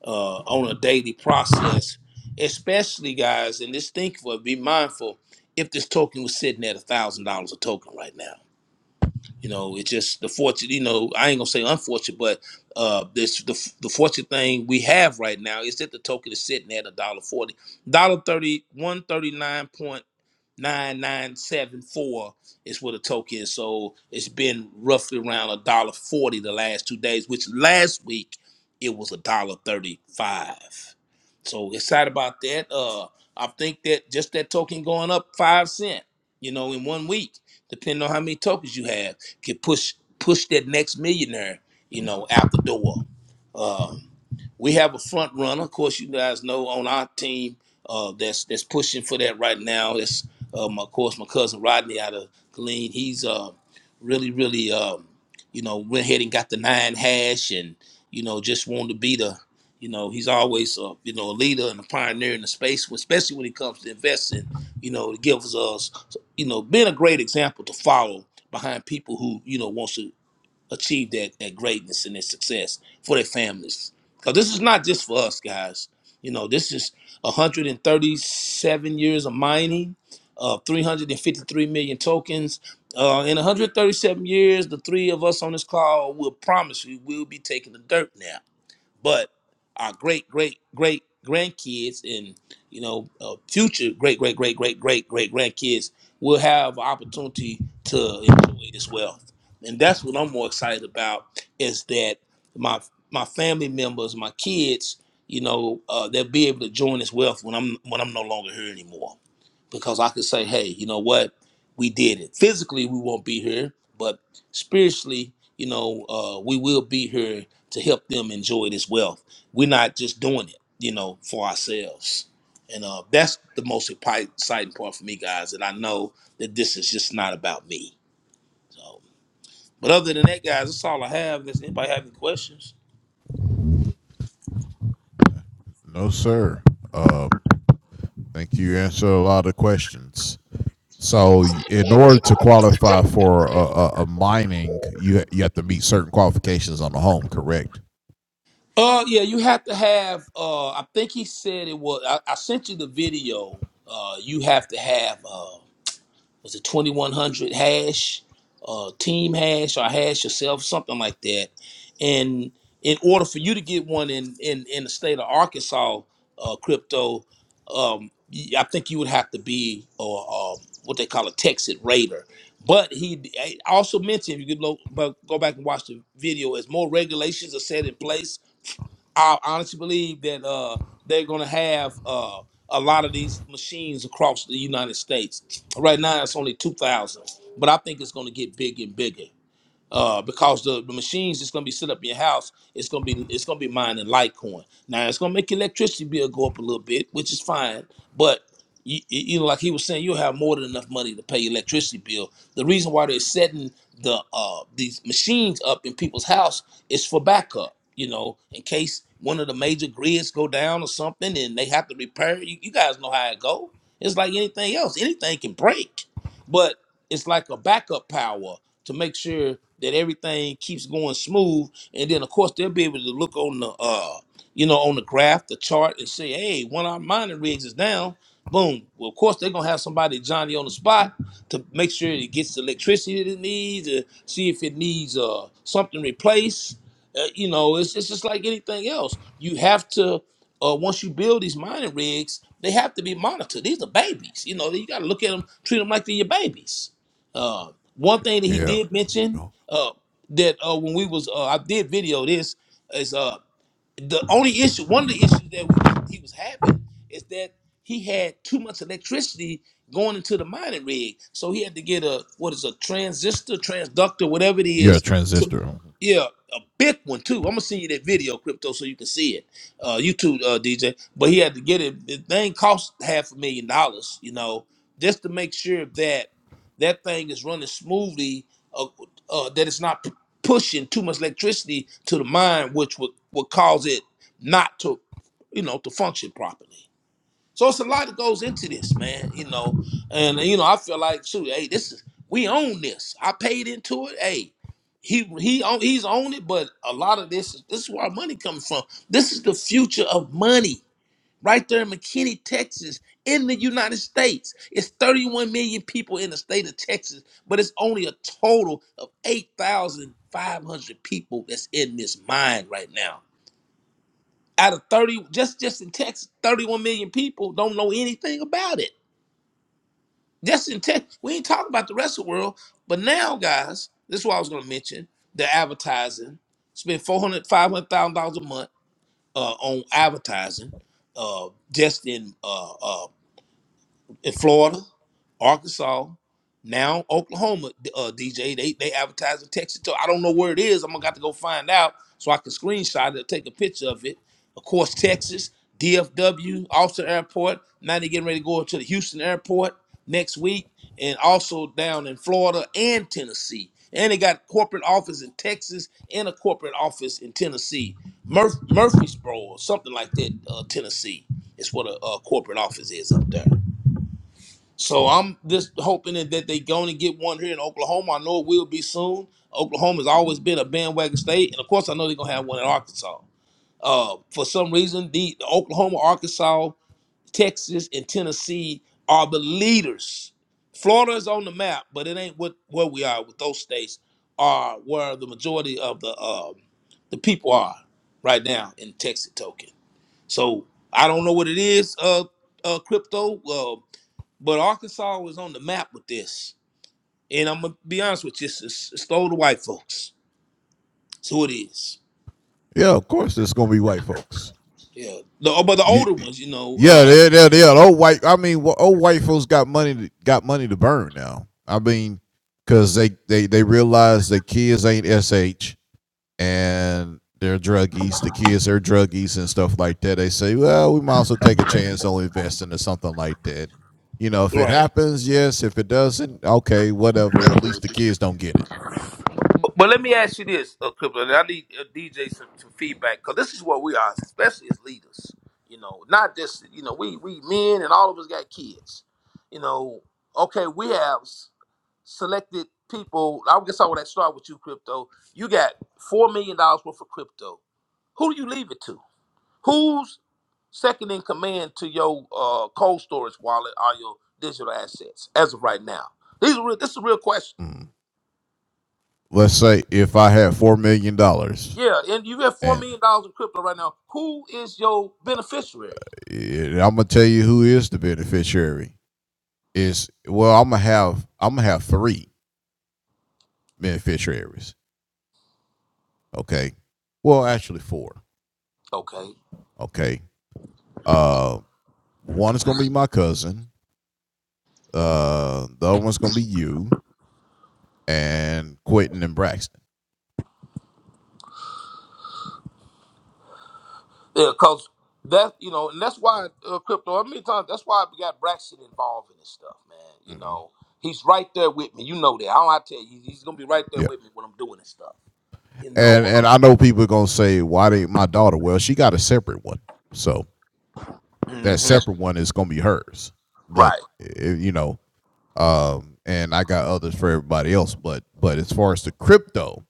Speaker 3: uh on a daily process especially guys and just think for it, be mindful if this token was sitting at a thousand dollars a token right now you know, it's just the fortune. You know, I ain't gonna say unfortunate, but uh, this the the fortunate thing we have right now is that the token is sitting at a dollar forty, dollar thirty one thirty nine point. 9974 is what a token is. So it's been roughly around a dollar forty the last two days, which last week it was a dollar thirty-five. So excited about that. Uh I think that just that token going up five cent, you know, in one week, depending on how many tokens you have, can push push that next millionaire, you know, out the door. Um we have a front runner, of course you guys know on our team uh, that's that's pushing for that right now. It's um, of course, my cousin Rodney out of Glean, he's uh, really, really, um, you know, went ahead and got the nine hash and, you know, just wanted to be the, you know, he's always, a, you know, a leader and a pioneer in the space, especially when it comes to investing, you know, it gives us, you know, being a great example to follow behind people who, you know, wants to achieve that, that greatness and that success for their families. Because this is not just for us, guys. You know, this is 137 years of mining, uh, 353 million tokens. Uh, in 137 years, the three of us on this call will promise you we'll be taking the dirt now but our great great great grandkids and you know uh, future great great great great great great grandkids will have opportunity to enjoy this wealth and that's what i'm more excited about is that my my family members my kids you know uh, they'll be able to join this wealth when i'm when i'm no longer here anymore because i could say hey you know what we did it physically we won't be here but spiritually you know uh, we will be here to help them enjoy this wealth. We're not just doing it, you know, for ourselves. And uh, that's the most expi- exciting part for me, guys. And I know that this is just not about me. So, but other than that, guys, that's all I have. Does anybody have any questions?
Speaker 2: No, sir. Uh, thank you. Answered a lot of questions. So, in order to qualify for a, a, a mining, you ha- you have to meet certain qualifications on the home, correct?
Speaker 3: Uh, yeah, you have to have. Uh, I think he said it was. I, I sent you the video. Uh, you have to have. was it 2100 hash, uh, team hash, or hash yourself, something like that. And in order for you to get one in in, in the state of Arkansas, uh, crypto, um, y- I think you would have to be or um, what they call a Texas Raider. But he I also mentioned, you could lo- bu- go back and watch the video, as more regulations are set in place I honestly believe that uh, they're going to have uh, a lot of these machines across the United States. Right now, it's only 2,000, but I think it's going to get bigger and bigger uh, because the, the machines that's gonna be set up in your house, it's gonna be it's gonna be mining Litecoin. Now it's gonna make your electricity bill go up a little bit, which is fine. But you, you you know, like he was saying, you'll have more than enough money to pay your electricity bill. The reason why they're setting the uh, these machines up in people's house is for backup. You know, in case one of the major grids go down or something, and they have to repair. it. You, you guys know how it go. It's like anything else; anything can break it's like a backup power to make sure that everything keeps going smooth. And then of course they'll be able to look on the uh you know on the graph, the chart, and say, hey, one of our mining rigs is down. Boom. Well, of course they're gonna have somebody Johnny on the spot to make sure it gets the electricity that it needs, and see if it needs uh something replaced. Uh, you know, it's it's just like anything else. You have to uh, once you build these mining rigs, they have to be monitored. These are babies. You know, you got to look at them, treat them like they're your babies uh, one thing that
Speaker 2: Yeah.
Speaker 3: he did
Speaker 2: There you
Speaker 3: mention
Speaker 2: go.
Speaker 3: uh, that uh, when we was uh, I did video this is uh, the only issue. One of the issues that we he was having is that he had too much electricity going into the mining rig, so he had to get a what is a transistor, transductor, whatever it
Speaker 2: Yeah,
Speaker 3: is. To,
Speaker 2: transistor. Mhm.
Speaker 3: yeah, a big one too. I'm gonna send you that video, crypto, so you can see it. Uh, YouTube uh, DJ, but he had to get it. The thing cost half a million dollars, you know, just to make sure that that thing is running smoothly, uh, uh, that it's not p- pushing too much electricity to the mind, which would, would cause it not to, you know, to function properly. So it's a lot that goes into this, man. You know, and you know, I feel like, shoot, hey, this is we own this. I paid into it. Hey, he he own, he's owned it, but a lot of this is this is where our money comes from. This is the future of money right there in McKinney, Texas, in the United States. It's 31 million people in the state of Texas, but it's only a total of 8,500 people that's in this mine right now. Out of 30, just just in Texas, 31 million people don't know anything about it. Just in Texas, we ain't talking about the rest of the world. But now, guys, this is what I was going to mention: the advertising. Spend four hundred, five hundred thousand dollars a month uh, on advertising uh, just in uh, uh, in Florida, Arkansas, now Oklahoma. Uh, DJ, they they advertise in Texas too. I don't know where it is. I'm gonna got to go find out so I can screenshot it, take a picture of it. Of course, Texas, DFW, Austin Airport. Now they're getting ready to go to the Houston Airport next week, and also down in Florida and Tennessee. And they got corporate office in Texas and a corporate office in Tennessee, Murph- Murfreesboro or something like that. Uh, Tennessee is what a, a corporate office is up there. So I'm just hoping that that they going to get one here in Oklahoma. I know it will be soon. Oklahoma's always been a bandwagon state, and of course, I know they're gonna have one in Arkansas. Uh, for some reason, the, the Oklahoma, Arkansas, Texas, and Tennessee are the leaders. Florida is on the map, but it ain't what where we are with those states are where the majority of the um, the people are right now in Texas token. So I don't know what it is. Uh, uh, crypto. Well, but Arkansas was on the map with this. And I'm gonna be honest with you, it's, it's, it's the older white folks. That's who it is.
Speaker 2: Yeah, of course, it's gonna be white folks.
Speaker 3: Yeah. The oh, but the
Speaker 2: You,
Speaker 3: older ones, you know,
Speaker 2: yeah,
Speaker 3: uh
Speaker 2: they they they old white. I mean, wh- old white folks got money to, got money to burn now. I mean, cause they they they realize their kids ain't sh. and they're druggies, the kids are druggies and stuff like that, they say, well, we might also take a chance on investing or something like that. You know, if it
Speaker 3: Right.
Speaker 2: happens, yes. If it doesn't, okay, whatever. At least the kids don't get it.
Speaker 3: But, but let me ask you this, uh, Cripple, and I need uh, DJ some, some feedback because this is what we are, especially as leaders. You know, not just you know we we men and all of us got kids. You know, okay, we have s- selected people. I guess I would start with you, Crypto. You got four million dollars worth of crypto. Who do you leave it to? Who's second in command to your uh, cold storage wallet or your digital assets as of right now? These are real, this is a real question.
Speaker 2: Mm. Let's say if I had $4 million dollars,
Speaker 3: Yeah, and you got four
Speaker 2: and
Speaker 3: million dollars in crypto right now. Who is your beneficiary?
Speaker 2: it, I'm going to tell you who is the beneficiary is, well, I'm going to have, I'm going to have three beneficiaries. Okay. Well, actually four.
Speaker 3: Okay,
Speaker 2: Okay. Uh, one is going to be my cousin Uh, the other one's gonna be you and Quentin and Braxton.
Speaker 3: yeah, because that you know, and that's why uh, crypto. I mean, times that's why we got Braxton involved in this stuff, man. You
Speaker 2: Mm-hmm.
Speaker 3: know, he's right there with me. You know that. I don't have to tell you, he's gonna be right there
Speaker 2: Yeah,
Speaker 3: with me when I'm doing this stuff. You
Speaker 2: and
Speaker 3: know,
Speaker 2: and
Speaker 3: um,
Speaker 2: I know people are gonna say, "Why did my daughter?" Well, she got a separate one, so that
Speaker 3: mhm,
Speaker 2: separate one is gonna be hers. But
Speaker 3: right.
Speaker 2: eh, you know, um, and I got others for everybody else. But but as far as the crypto,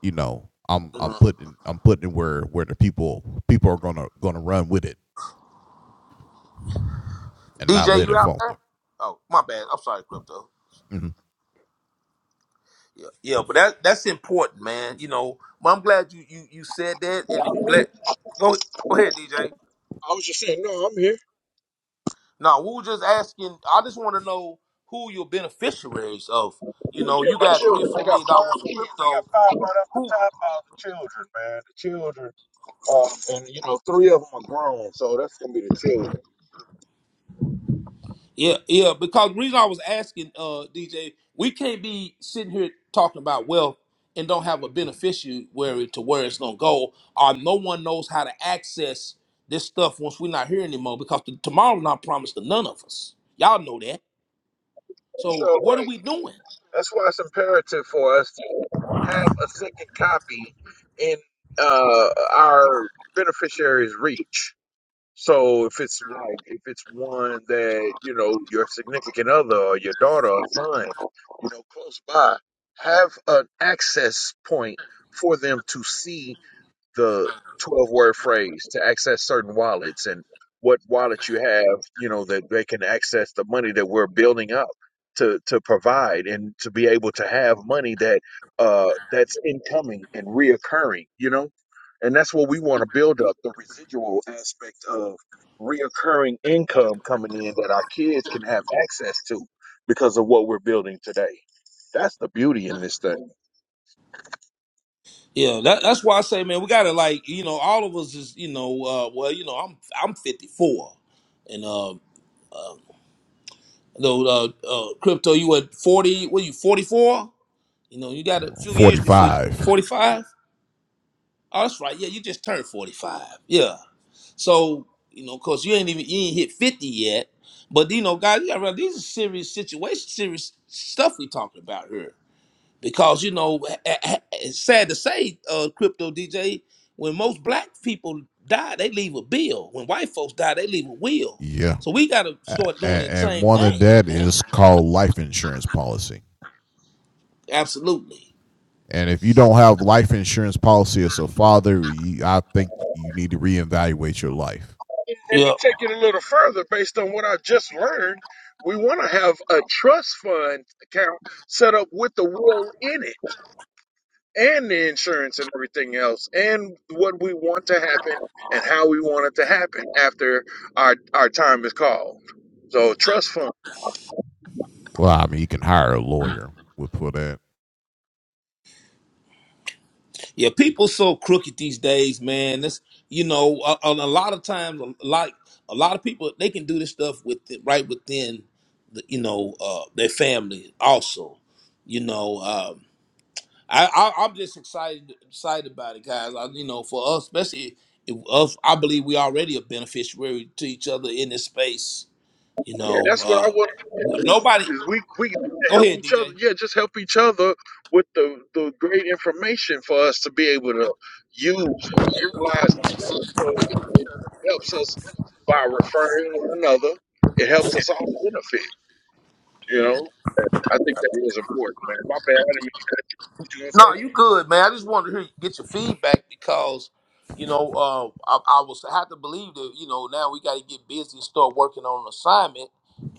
Speaker 2: you know, I'm I'm putting I'm putting it where where the people people are gonna gonna run with it and not
Speaker 3: DJ,
Speaker 2: let
Speaker 3: you
Speaker 2: it
Speaker 3: out there?
Speaker 2: falter.
Speaker 3: Oh, my bad. I'm sorry, crypto. Yeah, yeah, but that that's important, man. You know, but I'm glad you you you said that and glad. Go go ahead, DJ.
Speaker 1: I was just saying, no, I'm here.
Speaker 3: No, we were just asking. I just want to know who your beneficiaries of. You
Speaker 1: Yeah,
Speaker 3: know, you
Speaker 1: my
Speaker 3: got three or
Speaker 1: children. I
Speaker 3: four
Speaker 1: got
Speaker 3: million dollars
Speaker 1: five
Speaker 3: for
Speaker 1: kids. I got
Speaker 3: crypto.
Speaker 1: five right off the
Speaker 3: Who?
Speaker 1: top All the children, man. The children. Um, and you know, three of them are grown, so that's gonna be the children.
Speaker 3: Yeah, yeah. Because the reason I was asking, uh, DJ, we can't be sitting here talking about wealth and don't have a beneficiary to where it's gonna go, or no one knows how to access this stuff once we're not here anymore. Because t- tomorrow's not promised to none of us. Y'all know that.
Speaker 1: So
Speaker 3: So what are
Speaker 1: right.
Speaker 3: we doing?
Speaker 1: That's why it's imperative for us to have a second copy in uh our beneficiaries' reach. So if it's like if it's one that you know your significant other or your daughter or son, you know, close by, have an access point for them to see the 12 word phrase to access certain wallets and what wallet you have, you know, that they can access the money that we're building up to, to provide and to be able to have money that uh, that's incoming and reoccurring, you know, and that's what we want to build up the residual aspect of reoccurring income coming in that our kids can have access to because of what we're building today. That's the beauty in this thing.
Speaker 3: Yeah, that, that's why I say, man, we gotta like, you know, all of us is, you know, uh, well, you know, I'm I'm 54, and uh, though uh, uh, crypto, you at 40? What are you 44? You know, you got a few years
Speaker 2: Forty
Speaker 3: before
Speaker 2: five.
Speaker 3: 45. Oh, that's right. Yeah, you just turned 45. Yeah. So, you know, cause you ain't even you ain't hit 50 yet. But you know, guys, you gotta realize these are serious situations, serious stuff we talking about here. Because you know, a- a- it's sad to say, uh, crypto DJ, when most black people die, they leave a bill. When white folks die, they leave a will.
Speaker 2: Yeah.
Speaker 3: So we gotta
Speaker 2: and,
Speaker 3: start doing that same
Speaker 2: one of
Speaker 3: thing,
Speaker 2: that
Speaker 3: man.
Speaker 2: is called life insurance policy.
Speaker 3: Absolutely.
Speaker 2: And if you don't have life insurance policy as a father, you, I think you need to reevaluate your life.
Speaker 1: And
Speaker 3: Yeah.
Speaker 1: to take it a little further, based on what I just learned, we want to have a trust fund account set up with the will in it and the insurance and everything else and what we want to happen and how we want it to happen after our, our time is called. So trust fund.
Speaker 2: Well, I mean, you can hire a lawyer. We'll put that.
Speaker 3: Yeah, people so crooked these days, man. That's you know, a, a, a lot of times, a lot, a lot of people they can do this stuff with right within, the, you know, uh, their family also. You know, um, I, I I'm just excited excited about it, guys. I, you know, for us, especially if us, I believe we already a beneficiary to each other in this space. You
Speaker 1: Yeah,
Speaker 3: know,
Speaker 1: that's what I
Speaker 3: uh,
Speaker 1: want
Speaker 3: w- nobody.
Speaker 1: is we we need to
Speaker 3: Go
Speaker 1: help
Speaker 3: ahead,
Speaker 1: each
Speaker 3: DJ.
Speaker 1: other. Yeah, just help each other with the, the great information for us to be able to use, utilize together so that it it helps us by referring one another. It helps us all benefit, you know? I think that is important, man. My bad. I didn't mean to get you
Speaker 3: No, you good, man. I just wanted to hear, get your feedback because, you know, uh, I, I was I have to believe that you know now we got to get busy and start working on an assignment.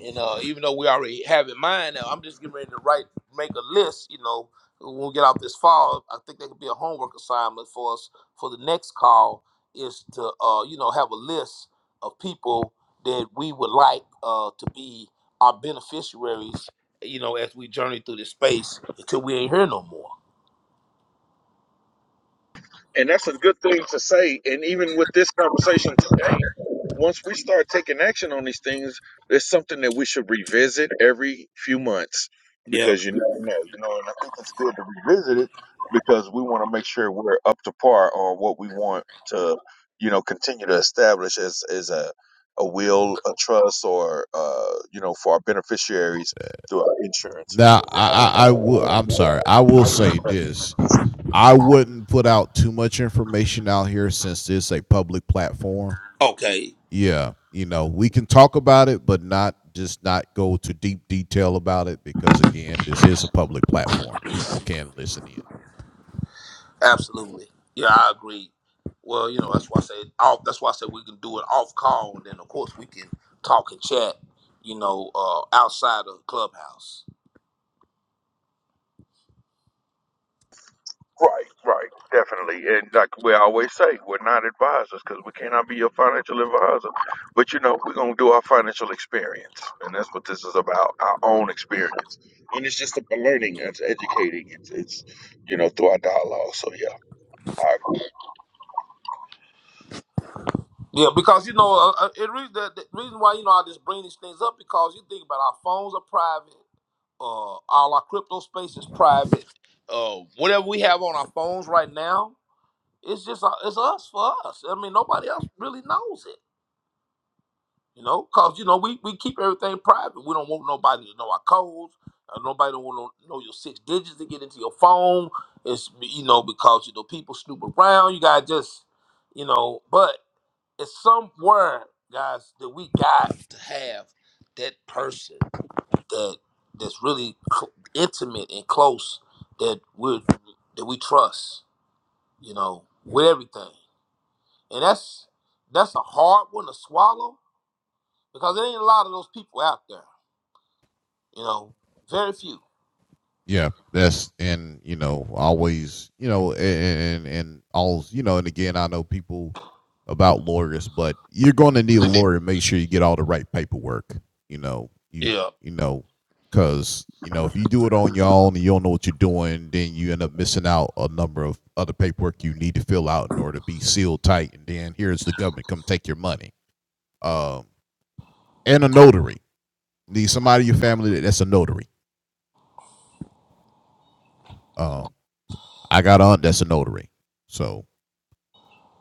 Speaker 3: And uh, even though we already have in mind, now I'm just getting ready to write, make a list. You know, when we get out this fall, I think that could be a homework assignment for us for the next call is to uh, you know have a list of people that we would like uh, to be our beneficiaries. You know, as we journey through this space until we ain't here no more.
Speaker 1: And that's a good thing to say. And even with this conversation today, once we start taking action on these things, it's something that we should revisit every few months
Speaker 3: Yep.
Speaker 1: because you never know, you know, and I think it's good to revisit it because we want to make sure we're up to par on what we want to, you know, continue to establish as, as a, a will, a trust, or, uh, you know, for our beneficiaries through our insurances.
Speaker 2: Now,
Speaker 1: or
Speaker 2: I, I, I will. I'm sorry. I will say this. I wouldn't put out too much information out here since it's a public platform.
Speaker 3: Okay.
Speaker 2: Yeah, you know, we can talk about it, but not just not go to deep detail about it because again, this is a public platform. People can listen in.
Speaker 3: Absolutely. Yeah, I agree. Well, you know, that's why I said off. That's why I said we can do it off call, and then of course we can talk and chat. You know, uh, outside of clubhouse.
Speaker 1: Right, right, definitely. And like we always say, we're not advisors because we cannot be your financial advisor. But you know, we're going to do our financial experience. And that's what this is about our own experience. And it's just a learning, it's educating, it's, it's you know, through our dialogue. So yeah, I agree.
Speaker 3: Yeah, because you know, uh, uh, it re- the, the reason why you know I just bring these things up because you think about our phones are private. Uh, all our crypto space is private. Uh, whatever we have on our phones right now, it's just uh, it's us for us. I mean, nobody else really knows it. You know, cause you know we, we keep everything private. We don't want nobody to know our codes. Uh, nobody don't want to know your six digits to get into your phone. It's you know because you know people snoop around. You gotta just you know, but it's somewhere, guys, that we got to have that person that that's really cl- intimate and close that we that we trust. You know, with everything, and that's that's a hard one to swallow because there ain't a lot of those people out there You know, very few.
Speaker 2: Yeah, that's and you know always you know and and, all you know and again I know people about lawyers, but you're going to need a lawyer to make sure you get all the right paperwork. You know you
Speaker 3: Yeah,
Speaker 2: you know because you know if you do it on your own and you don't know what you're doing, then you end up missing out a number of other paperwork you need to fill out in order to be sealed tight, and then here's the government come take your money. Um, and a notary need somebody in your family that's a notary. Um, I got an aunt that's a notary, so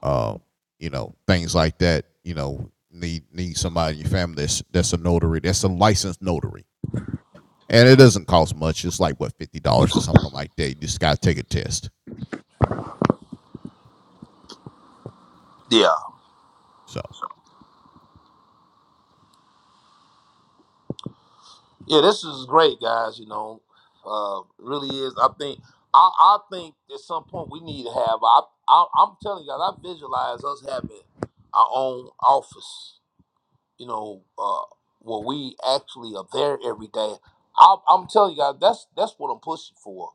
Speaker 2: uh, you know, things like that. You know, need need somebody in your family that's that's a notary, that's a licensed notary, and it doesn't cost much. It's like what fifty dollars or something like that. You just gotta take a test.
Speaker 3: yeah,
Speaker 2: So,
Speaker 3: yeah. This is great, guys. You know, uh, really is. I think I, I think at some point we need to have. I, I I'm telling you guys, I visualize us having our own office. you know, uh, where we actually are there every day. I'm, I'm telling you guys, that's that's what I'm pushing for,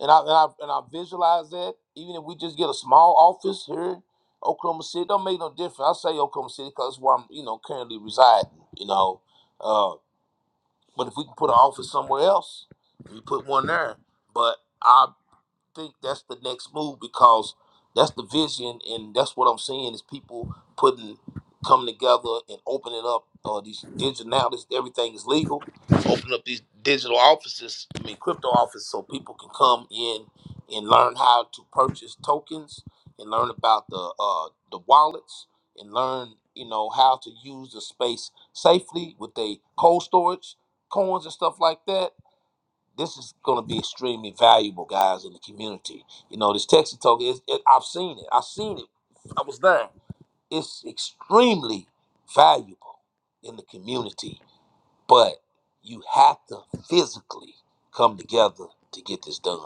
Speaker 3: and I and I and I visualize that. Even if we just get a small office here, in Oklahoma City, don't make no difference. I say Oklahoma City because where I'm, you know, currently residing. You know, uh, but if we can put an office somewhere else, we put one there. But I think that's the next move because that's the vision, and that's what I'm seeing is people putting coming together and opening up uh, these digital now. This everything is legal. Open up these digital offices. I mean, crypto offices, so people can come in and learn how to purchase tokens and learn about the uh, the wallets and learn you know how to use the space safely with a cold storage coins and stuff like that this is going to be extremely valuable, guys, in the community. You know, this Texas Talk is, it, I've seen it. I've seen it. I was there. It's extremely valuable in the community, but you have to physically come together to get this done.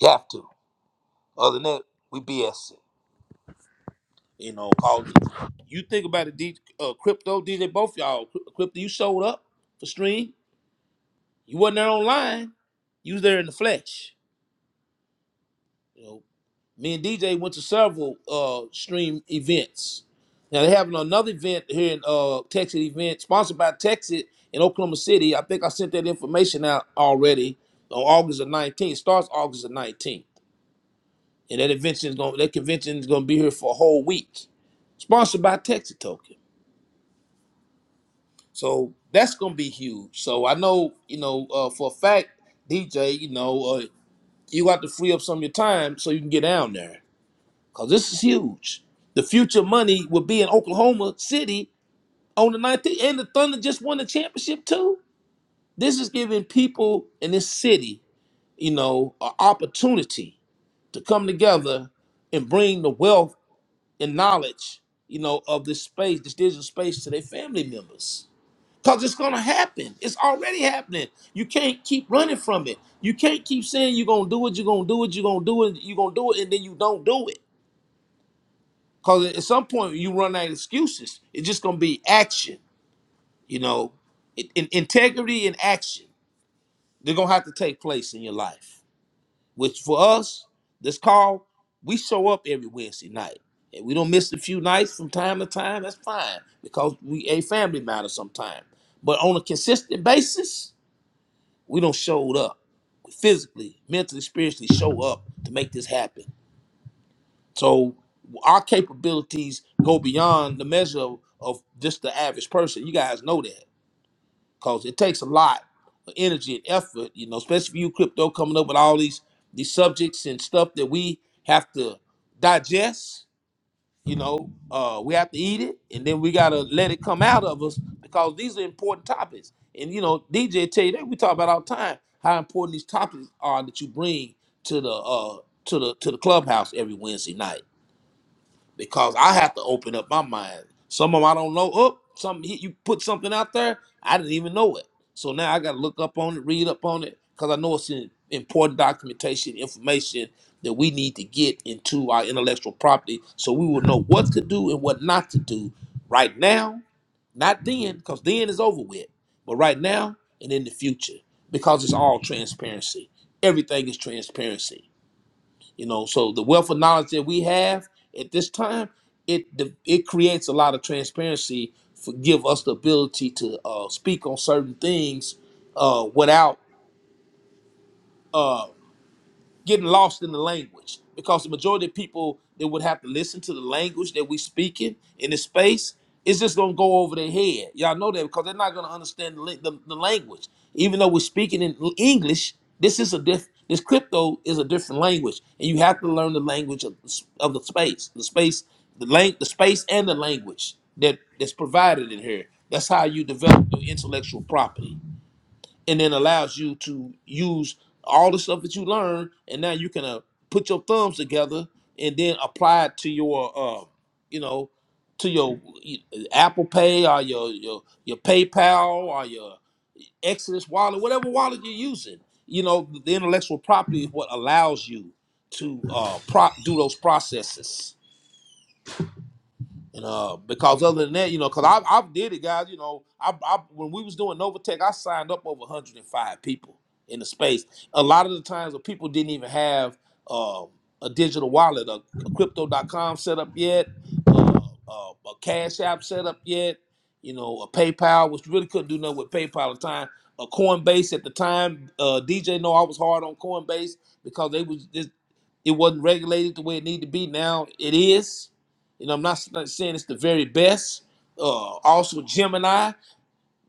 Speaker 3: You have to. Other than that, we BS it. You know, call it. You think about it, D, uh, crypto DJ. Both y'all, Cry- crypto. You showed up for stream. You wasn't there online. You was there in the flesh. You know. Me and DJ went to several uh stream events. Now they're having another event here in uh Texas event sponsored by Texas in Oklahoma City. I think I sent that information out already on August the 19th. starts August the 19th. And that invention is going that convention is gonna be here for a whole week. Sponsored by Texas Token. So that's gonna be huge. So I know, you know, uh, for a fact, DJ, you know, uh, you got to free up some of your time so you can get down there because this is huge. The future money will be in Oklahoma City on the 19th, and the Thunder just won the championship too. This is giving people in this city, you know, an opportunity to come together and bring the wealth and knowledge, you know, of this space, this digital space, to their family members. Cause it's gonna happen. It's already happening. You can't keep running from it. You can't keep saying you're gonna do it, you're gonna do it, you're gonna do it, you're gonna do it, and then you don't do it Cause at some point you run out of excuses. It's just gonna be action, you know, in, in- integrity and action. They're gonna have to take place in your life. Which for us, this call, we show up every Wednesday night. and we don't miss a few nights from time to time, that's fine because we a family matter Sometimes, But on a consistent basis, we don't show up physically, mentally, spiritually show up to make this happen. So our capabilities go beyond the measure of, of just the average person. You guys know that because it takes a lot of energy and effort, you know, especially for you crypto coming up with all these these subjects and stuff that we have to digest. You know, uh, we have to eat it, and then we gotta let it come out of us because these are important topics. And you know, DJ tell you that we talk about all the time how important these topics are that you bring to the uh, to the to the clubhouse every Wednesday night because I have to open up my mind. Some of 'em I don't know. Up, some he, you put something out there, I didn't even know it. So now I got to look up on it, read up on it, because I know it's in, important documentation, information that we need to get into our intellectual property, so we will know what to do and what not to do right now, not then, because then is over with, but right now and in the future, because it's all transparency. Everything is transparency you know, so the wealth of knowledge that we have at this time, it de- it creates a lot of transparency, for, give us the ability to uh, speak on certain things uh, without uh, getting lost in the language because the majority of people that would have to listen to the language that we speaking in the space it's just gonna go over their head. Y'all know that because they're not gonna understand the, la- the, the language. Even though we're speaking in English, this is a diff. This crypto is a different language, and you have to learn the language of the, s- of the space, the space, the lang- the space, and the language that that's provided in here. That's how you develop your intellectual property and then allows you to use all the stuff that you learn, and now you can uh, put your thumbs together and then apply it to your, uh, you know, to your y- Apple Pay or your your your PayPal or your Exodus wallet, whatever wallet you're using. You know, the intellectual property is what allows you to uh, pro- do those processes. And uh, because other than that, you know, because I I did it, guys. You know, I, I when we was doing Novatech, I signed up over 105 people in the space. A lot of the times, the people didn't even have uh, a digital wallet, a, a crypto.com set up yet, uh, uh, a Cash App set up yet. You know, a PayPal, which really couldn't do nothing with PayPal at the time. A Coinbase at the time. Uh, DJ, know I was hard on Coinbase because they was just, it wasn't regulated the way it needed to be. Now it is you know, I'm not, not saying it's the very best. Uh, also, Gemini,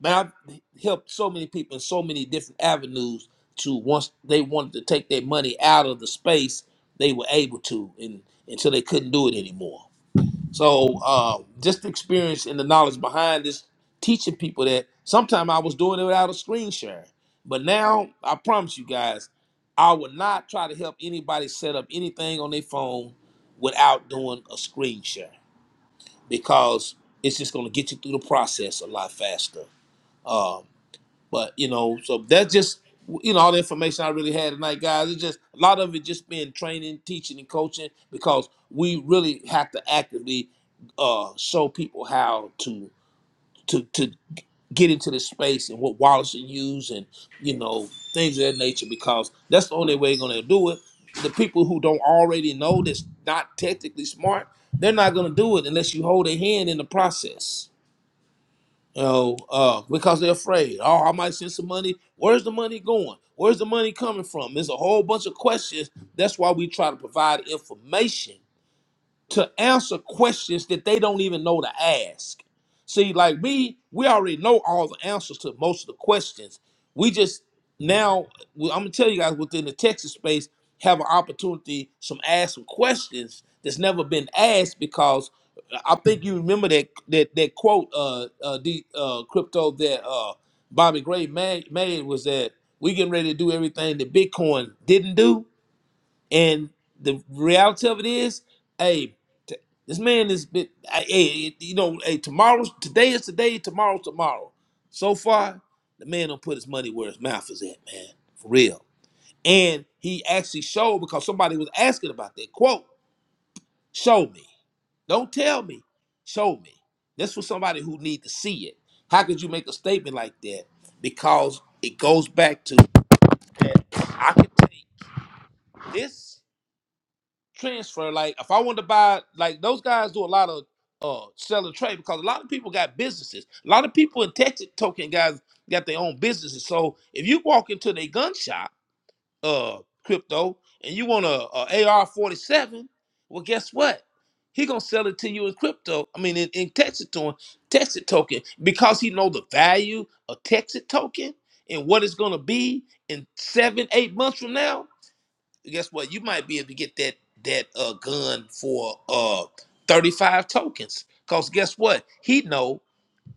Speaker 3: man, I've helped so many people in so many different avenues to once they wanted to take their money out of the space, they were able to and until they couldn't do it anymore. So, uh, just the experience and the knowledge behind this, teaching people that sometime I was doing it without a screen share. But now, I promise you guys, I would not try to help anybody set up anything on their phone without doing a screen share because it's just going to get you through the process a lot faster. Um, but you know, so that's just you know all the information I really had tonight, guys. It's just a lot of it just been training, teaching, and coaching because we really have to actively uh, show people how to. to to get into the space and what wallets you use and you know things of that nature because that's the only way you're going to do it the people who don't already know that's not technically smart they're not going to do it unless you hold their hand in the process you know uh, because they're afraid oh i might send some money where's the money going where's the money coming from there's a whole bunch of questions that's why we try to provide information to answer questions that they don't even know to ask. See, like me, we already know all the answers to most of the questions. We just now, well, I'm gonna tell you guys within the Texas space, have an opportunity some ask some questions that's never been asked because I think you remember that that that quote, uh, uh, the uh, crypto that uh, Bobby Gray made, made was that we getting ready to do everything that Bitcoin didn't do and the reality of it is, hey, t- this man is been, hey, hey, you know, hey, tomorrow's today is today, tomorrow's tomorrow. So far, the man don't put his money where his mouth is at, man, for real. And he actually showed because somebody was asking about that quote. Show me, don't tell me, show me. That's for somebody who need to see it. How could you make a statement like that? Because it goes back to that I can take this transfer. Like if I want to buy, like those guys do a lot of uh sell and trade because a lot of people got businesses. A lot of people in Texas token guys got their own businesses. So if you walk into their gun shop, uh, crypto, and you want a, a AR forty seven, well, guess what? He gonna sell it to you in crypto. I mean, in, in Texas token, Texas token, because he know the value of Texas token and what it's gonna be in seven, eight months from now guess what? You might be able to get that that uh gun for uh 35 tokens. Cause guess what? He know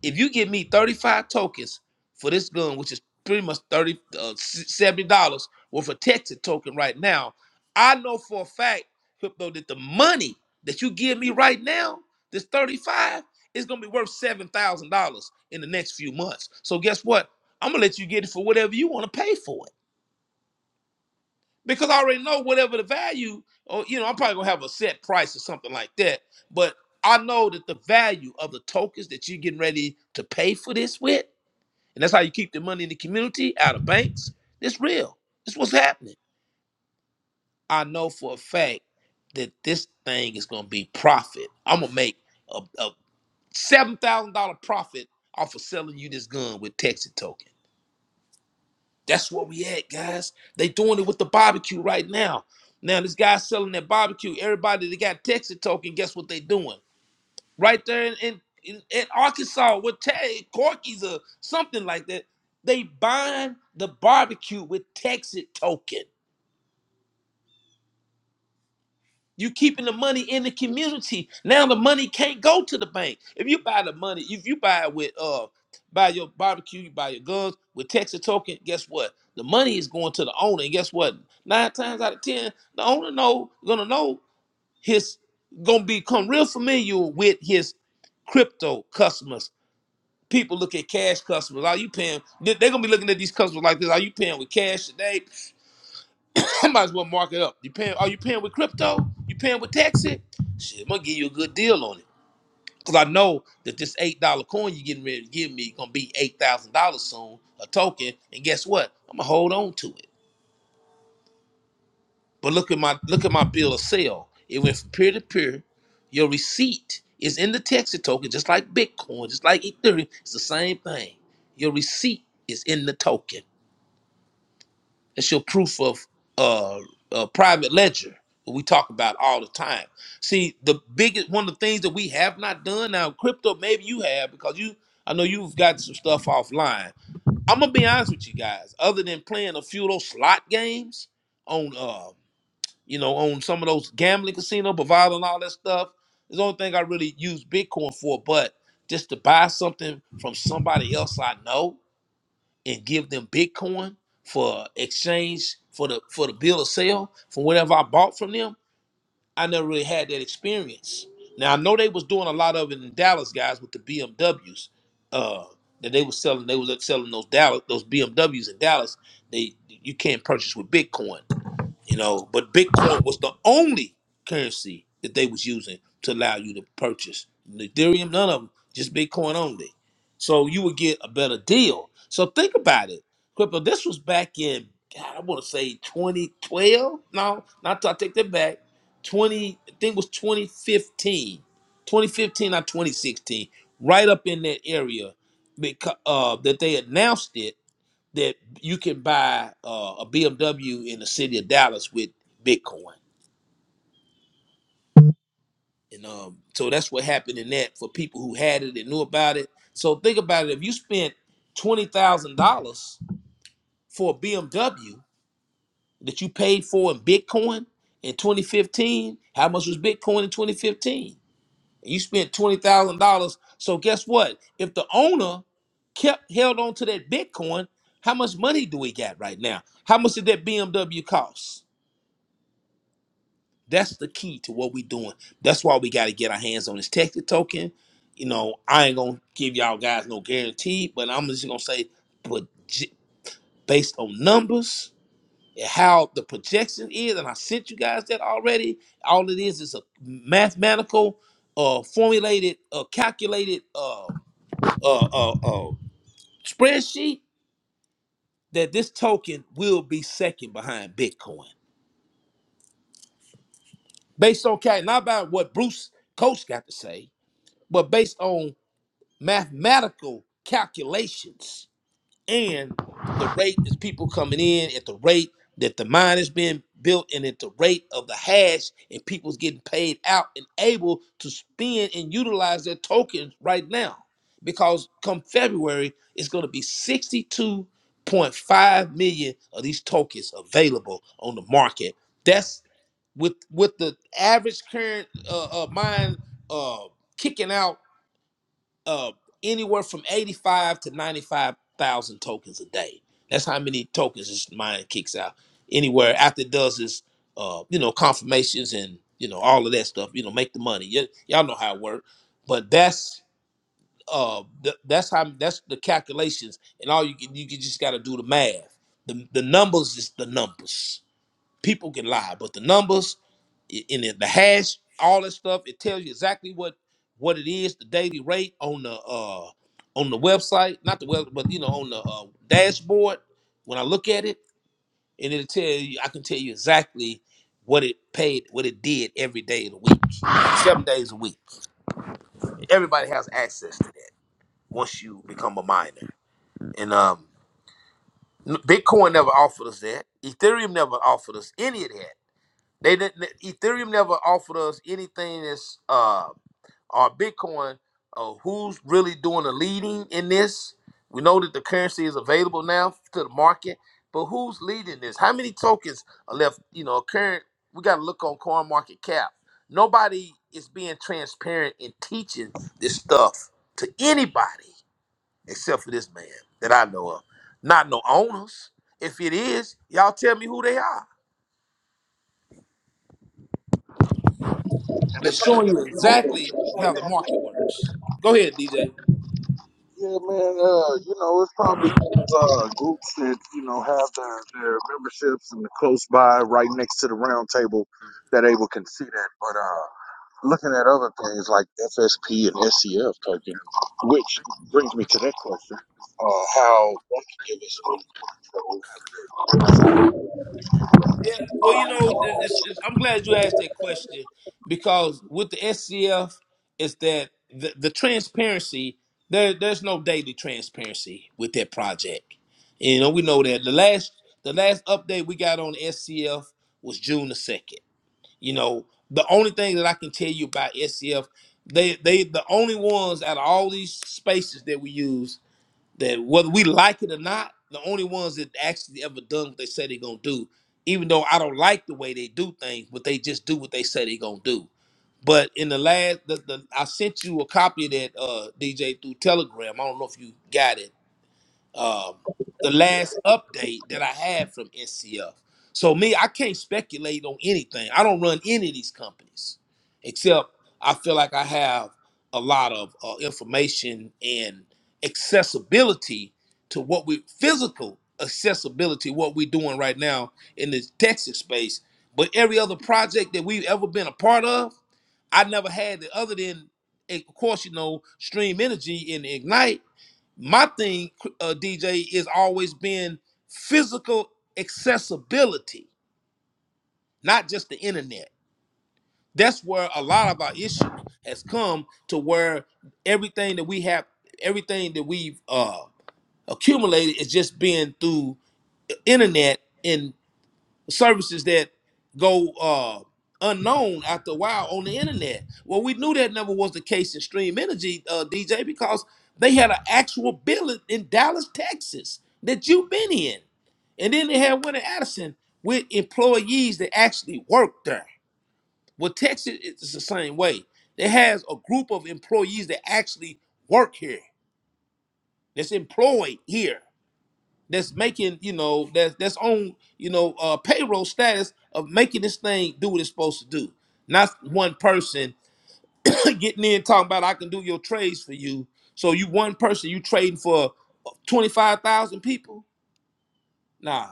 Speaker 3: if you give me 35 tokens for this gun, which is pretty much 30 uh, 70 dollars worth of Texas token right now, I know for a fact, crypto, that the money that you give me right now, this 35, is gonna be worth seven thousand dollars in the next few months. So guess what? I'm gonna let you get it for whatever you want to pay for it because I already know whatever the value, or you know, I'm probably gonna have a set price or something like that. But I know that the value of the tokens that you're getting ready to pay for this with, and that's how you keep the money in the community out of banks. It's real. It's what's happening. I know for a fact that this thing is gonna be profit. I'm gonna make a, a seven thousand dollar profit off of selling you this gun with Texas token. That's what we at, guys. They doing it with the barbecue right now. Now this guy's selling that barbecue. Everybody that got Texas token, guess what they doing? Right there in in, in, in Arkansas with Tay Corky's or something like that. They buying the barbecue with Texas token. You keeping the money in the community. Now the money can't go to the bank. If you buy the money, if you buy it with uh buy your barbecue, you buy your guns with Texas token, guess what? The money is going to the owner. And guess what? Nine times out of ten, the owner know gonna know his gonna become real familiar with his crypto customers. People look at cash customers. Are you paying? They're gonna be looking at these customers like this. Are you paying with cash today? I might as well mark it up. You paying? Are you paying with crypto? You paying with Texas? Shit, I'm gonna give you a good deal on it because I know that this eight dollar coin you're getting ready to give me gonna be eight thousand dollars soon, a token. And guess what? I'm gonna hold on to it. But look at my look at my bill of sale. It went from peer to peer. Your receipt is in the Texas token, just like Bitcoin, just like Ethereum. It's the same thing. Your receipt is in the token. It's your proof of uh, uh private ledger that we talk about all the time. See, the biggest one of the things that we have not done now, crypto, maybe you have because you I know you've got some stuff offline. I'm gonna be honest with you guys, other than playing a few of those slot games on uh you know, on some of those gambling casino, Bovada and all that stuff. It's the only thing I really use Bitcoin for, but just to buy something from somebody else I know and give them Bitcoin for exchange for the for the bill of sale for whatever I bought from them. I never really had that experience. Now I know they was doing a lot of it in Dallas, guys, with the BMWs. Uh, that they was selling, they was selling those Dallas, those BMWs in Dallas. They you can't purchase with Bitcoin you know. But Bitcoin was the only currency that they was using to allow you to purchase Ethereum. None of them, just Bitcoin only. So you would get a better deal. So think about it, crypto. This was back in God, I want to say 2012. No, not I take that back. 20, I think it was 2015, 2015 or 2016, right up in that area, because uh, that they announced it that you can buy uh, a BMW in the city of Dallas with Bitcoin. And um, so that's what happened in that for people who had it and knew about it. So think about it. If you spent twenty thousand dollars for a BMW that you paid for in Bitcoin in 2015, how much was Bitcoin in 2015? you spent twenty thousand dollars. So guess what? If the owner kept held on to that Bitcoin, how much money do we got right now? How much did that BMW cost? That's the key to what we're doing. That's why we got to get our hands on this Texas token. You know, I ain't gonna give y'all guys no guarantee, but I'm just gonna say, but based on numbers and how the projection is, and I sent you guys that already. All it is is a mathematical, uh, formulated, uh, calculated, uh, uh, uh, uh, spreadsheet that this token will be second behind Bitcoin, based on cal- not about what Bruce Coach got to say, but based on mathematical calculations and the rate is people coming in at the rate that the mine is being built and at the rate of the hash and people's getting paid out and able to spend and utilize their tokens right now because come february it's going to be 62.5 million of these tokens available on the market that's with with the average current uh, uh mine uh kicking out uh, anywhere from 85 to 95,000 tokens a day. That's how many tokens this mine kicks out. Anywhere after it does is, uh, you know, confirmations and, you know, all of that stuff, you know, make the money. Y- y'all know how it works. But that's uh th- that's how that's the calculations and all you can you can just got to do the math. The the numbers is the numbers. People can lie, but the numbers i- in it, the hash, all that stuff. It tells you exactly what what it is, the daily rate on the uh on the website, not the web, but you know on the uh, dashboard. When I look at it, and it'll tell you, I can tell you exactly what it paid, what it did every day of the week, seven days a week. Everybody has access to that once you become a miner. And um, n- Bitcoin never offered us that. Ethereum never offered us any of that. They didn't. Ethereum never offered us anything that's uh Or Bitcoin, uh, who's really doing the leading in this? We know that the currency is available now to the market, but who's leading this? How many tokens are left? You know, current. We got to look on Coin Market Cap. Nobody is being transparent in teaching this stuff to anybody except for this man that I know of. Not no owners. If it is, y'all tell me who they are.
Speaker 1: And
Speaker 3: They're
Speaker 1: it's probably
Speaker 3: showing you exactly how the
Speaker 1: gonna
Speaker 3: market
Speaker 1: be-
Speaker 3: works. Go ahead, DJ.
Speaker 1: yeah, man. Uh, you know, it's probably uh, groups that you know have their,
Speaker 3: Yeah, well, you know, it- it's, it's, I'm glad you asked that question because with the SCF, is that the, the transparency? There, there's no daily transparency with that project. You know, we know that the last the last update we got on SCF was June the second. You know, the only thing that I can tell you about SCF, they they the only ones out of all these spaces that we use that whether we like it or not, the only ones that actually ever done what they say they're gonna do, even though I don't like the way they do things, but they just do what they say they're gonna do. But in the last, the, the, I sent you a copy of that uh, DJ through Telegram. I don't know if you got it um, the last update that I had from NCF. So me, I can't speculate on anything. I don't run any of these companies, except I feel like I have a lot of uh, information and accessibility to what we physical accessibility what we're doing right now in this Texas space. But every other project that we've ever been a part of, I never had it other than, eh, of course, you know, Stream Energy and Ignite my thing, uh, DJ, is always been physical accessibility, not just the internet. That's where a lot of our issue has come to where everything that we have, everything that we've uh, accumulated is just been through the internet and. services that go uh, unknown after a while on the internet. Well, we knew that never was the case in Stream Energy, uh, DJ, because they had an actual building in Dallas, Texas that you've been in. And then they had one in Addison with employees that actually worked there. Well, Texas is the same way. It has a group of employees that actually work here, that's employed here that's making you know that's that's on you know uh payroll status of making this thing do what it's supposed to do not one person getting in talking about i can do your trades for you so you one person you trading for 25000 people nah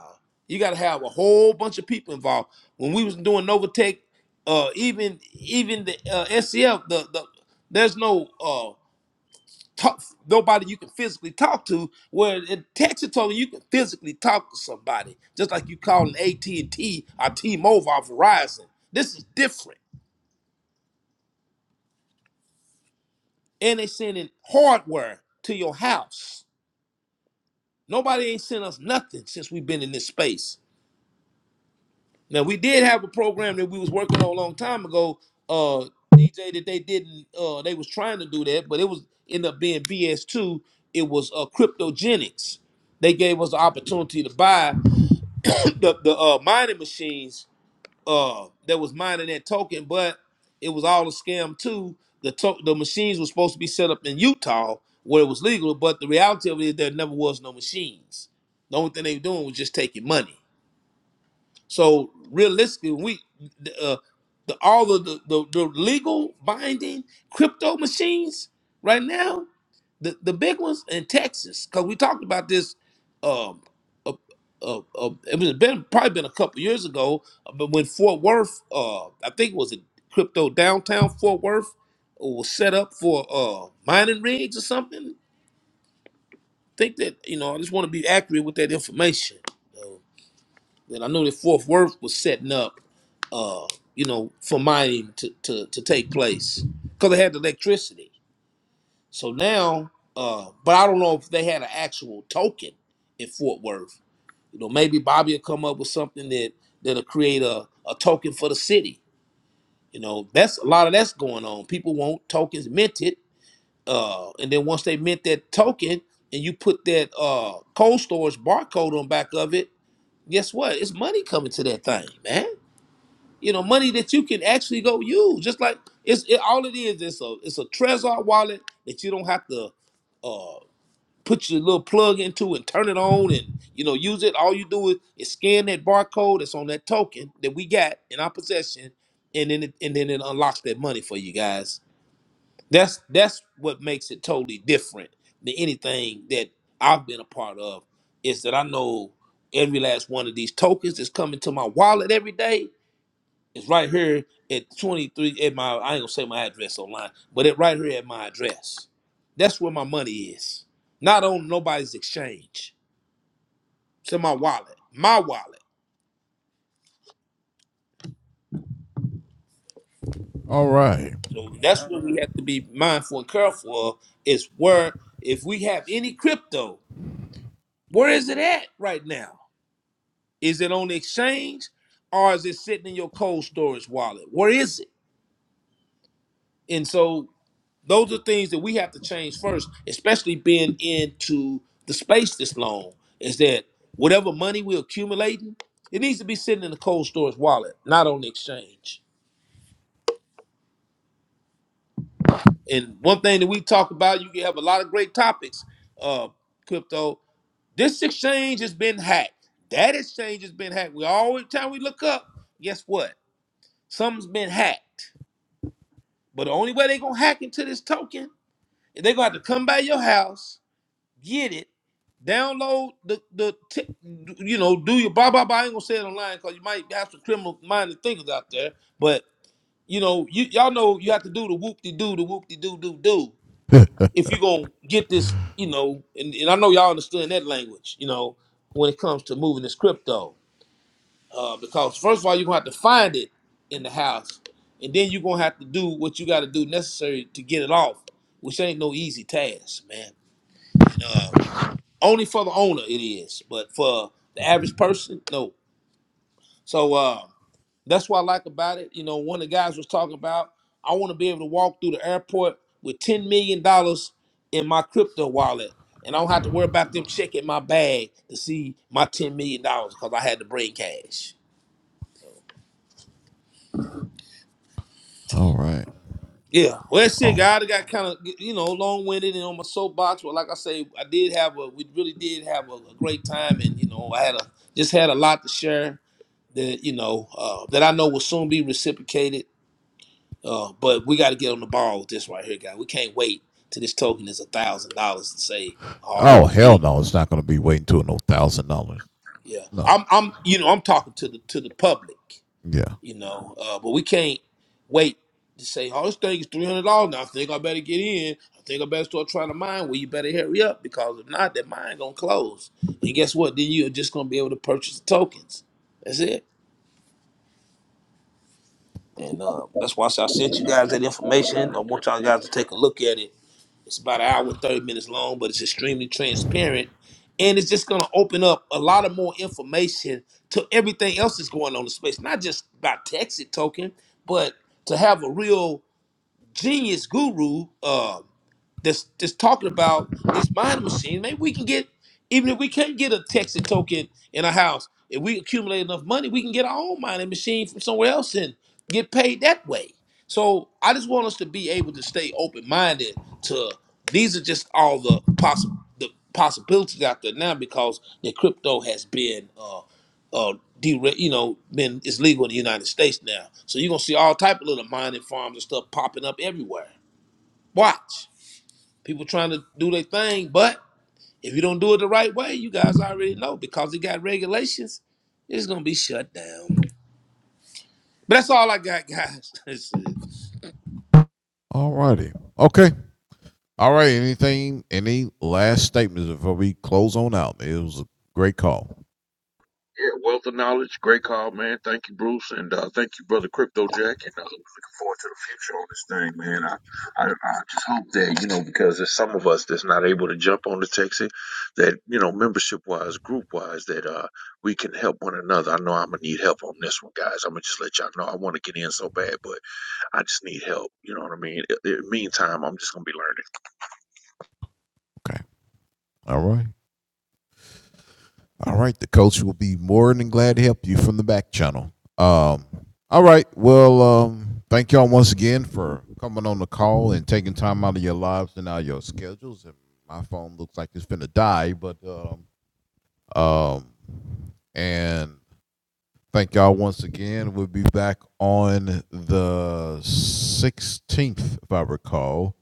Speaker 3: you got to have a whole bunch of people involved when we was doing novatech uh even even the uh scf the the there's no uh talk nobody you can physically talk to. Where in Texas, told you can physically talk to somebody, just like you calling AT and T or T-Mobile or Verizon. This is different, and they sending hardware to your house. Nobody ain't sent us nothing since we've been in this space. Now we did have a program that we was working on a long time ago, uh, DJ, that they didn't. Uh, they was trying to do that, but it was end up being BS two. It was uh, cryptogenics. They gave us the opportunity to buy. the the uh, mining machines uh that was mining that token, but it was all a scam too. The to- the machines were supposed to be set up in Utah where it was legal, but the reality of it is there never was no machines. The only thing they were doing was just taking money. So realistically, we the, uh, the all of the, the the legal binding crypto machines right now, the the big ones in Texas, because we talked about this. Um, uh, uh, uh, it was been probably been a couple years ago, uh, but when Fort Worth, uh, I think it was a crypto downtown Fort Worth, uh, was set up for uh mining rigs or something. Think that you know, I just want to be accurate with that information. So, that I know that Fort Worth was setting up, uh, you know, for mining to, to, to take place because they had the electricity. So now, uh, but I don't know if they had an actual token in Fort Worth. You know, maybe Bobby will come up with something that that'll create a, a token for the city. You know, that's a lot of that's going on. People want tokens minted, uh, and then once they mint that token and you put that uh cold storage barcode on back of it, guess what? It's money coming to that thing, man you know, money that you can actually go use. Just like it's it, all it is. It's a it's a Trezor wallet that you don't have to uh, put your little plug into and turn it on and you know use it. All you do is, is scan that barcode that's on that token that we got in our possession, and then it, and then it unlocks that money for you guys. That's that's what makes it totally different than anything that I've been a part of. Is that I know every last one of these tokens that's coming to my wallet every day. It's right here at 23 at my I ain't gonna say my address online, but it right here at my address. That's where my money is. Not on nobody's exchange. It's in my wallet. My wallet.
Speaker 2: all right,
Speaker 3: So that's what we have to be mindful and careful of is where if we have any crypto, where is it at right now? Is it on the exchange or is it sitting in your cold storage wallet? Where is it? And so those are things that we have to change first, especially being into the space this long. Is that whatever money we're accumulating, it needs to be sitting in the cold storage wallet, not on the exchange. And one thing that we talk about, you can have a lot of great topics, uh, crypto. This exchange has been hacked. That exchange has been hacked. We always time we look up, guess what? Something's been hacked. But the only way they're gonna hack into this token is they're gonna have to come by your house get it, download the the t- you know do your blah blah blah. I ain't gonna say it online because you might have some criminal minded thinkers out there. But you know you y'all know you have to do the whoop de doo the whoop de doo doo doo if you gonna get this. You know, and, and I know y'all understand that language. You know when it comes to moving this crypto, uh, because first of all you're gonna have to find it in the house, and then you're gonna have to do what you got to do necessary to get it off, which ain't no easy task, man. Only for the owner it is, but for the average person, no. So uh, that's what I like about it. You know, one of the guys was talking about I want to be able to walk through the airport with ten million dollars in my crypto wallet, and I don't have to worry about them checking my bag to see my ten million dollars because I had to bring cash.
Speaker 2: all right.
Speaker 3: Yeah, well, that's it,
Speaker 2: Oh,
Speaker 3: guys. I got kind of you know long winded and on my soapbox, but like I say, I did have a we really did have a, a great time, and you know I had a just had a lot to share, that you know uh, that I know will soon be reciprocated. Uh, but we got to get on the ball with this right here, guy. We can't wait till this token is a thousand dollars to say, "Oh, I
Speaker 2: oh,
Speaker 3: want to get
Speaker 2: hell
Speaker 3: it."
Speaker 2: no, it's not gonna be waiting till no thousand dollars.
Speaker 3: Yeah,
Speaker 2: No,
Speaker 3: I'm, I'm, you know, I'm talking to the to the public,
Speaker 2: yeah.
Speaker 3: you know. Uh, but we can't wait to say, "Oh, this thing is three hundred dollars now. I think I better get in. I think I better start trying to mine." Well, you better hurry up because if not, that mine gonna close. And guess what? Then you're just gonna be able to purchase the tokens. That's it. And um, that's why I said I sent you guys that information. I want y'all guys to take a look at it. It's about an hour and 30 minutes long, but it's extremely transparent. And it's just going to open up a lot of more information to everything else that's going on in space, not just about Texas token, but to have a real genius guru uh, that's that's talking about this mind machine. Maybe we can get, even if we can't get a Texas token in a house, if we accumulate enough money, we can get our own mining machine from somewhere else and get paid that way. So I just want us to be able to stay open minded to these are just all the possible the possibilities out there now because the crypto has been uh, uh, dere- you know, been it's legal in the United States now. So you're gonna see all type of little mining farms and stuff popping up everywhere. Watch people trying to do their thing, but if you don't do it the right way, you guys already know because it got regulations. It's gonna be shut down. But that's all I got, guys. That's it.
Speaker 2: All righty, okay, all right. Anything, any last statements before we close on out? It was a great call.
Speaker 1: Yeah, wealth of knowledge. Great call, man. Thank you, Bruce, and uh, thank you, brother Crypto Jack. And uh, looking forward to the future on this thing, man. I, I, I just hope that you know because there's some of us that's not able to jump on the Texas, that you know membership wise, group wise, that uh we can help one another. I know I'm gonna need help on this one, guys. I'm gonna just let y'all know I want to get in so bad, but I just need help. You know what I mean? In the meantime, I'm just gonna be learning.
Speaker 2: Okay, all right. All right, the coach will be more than glad to help you from the back channel. Um, all right, well, um, thank y'all once again for coming on the call and taking time out of your lives and out of your schedules. And my phone looks like it's gonna die, but um, um, and thank y'all once again. We'll be back on the sixteenth, if I recall,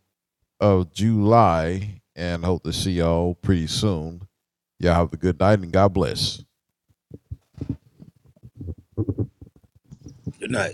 Speaker 2: of July, and hope to see y'all pretty soon. Y'all have a good night and God bless.
Speaker 3: Good night.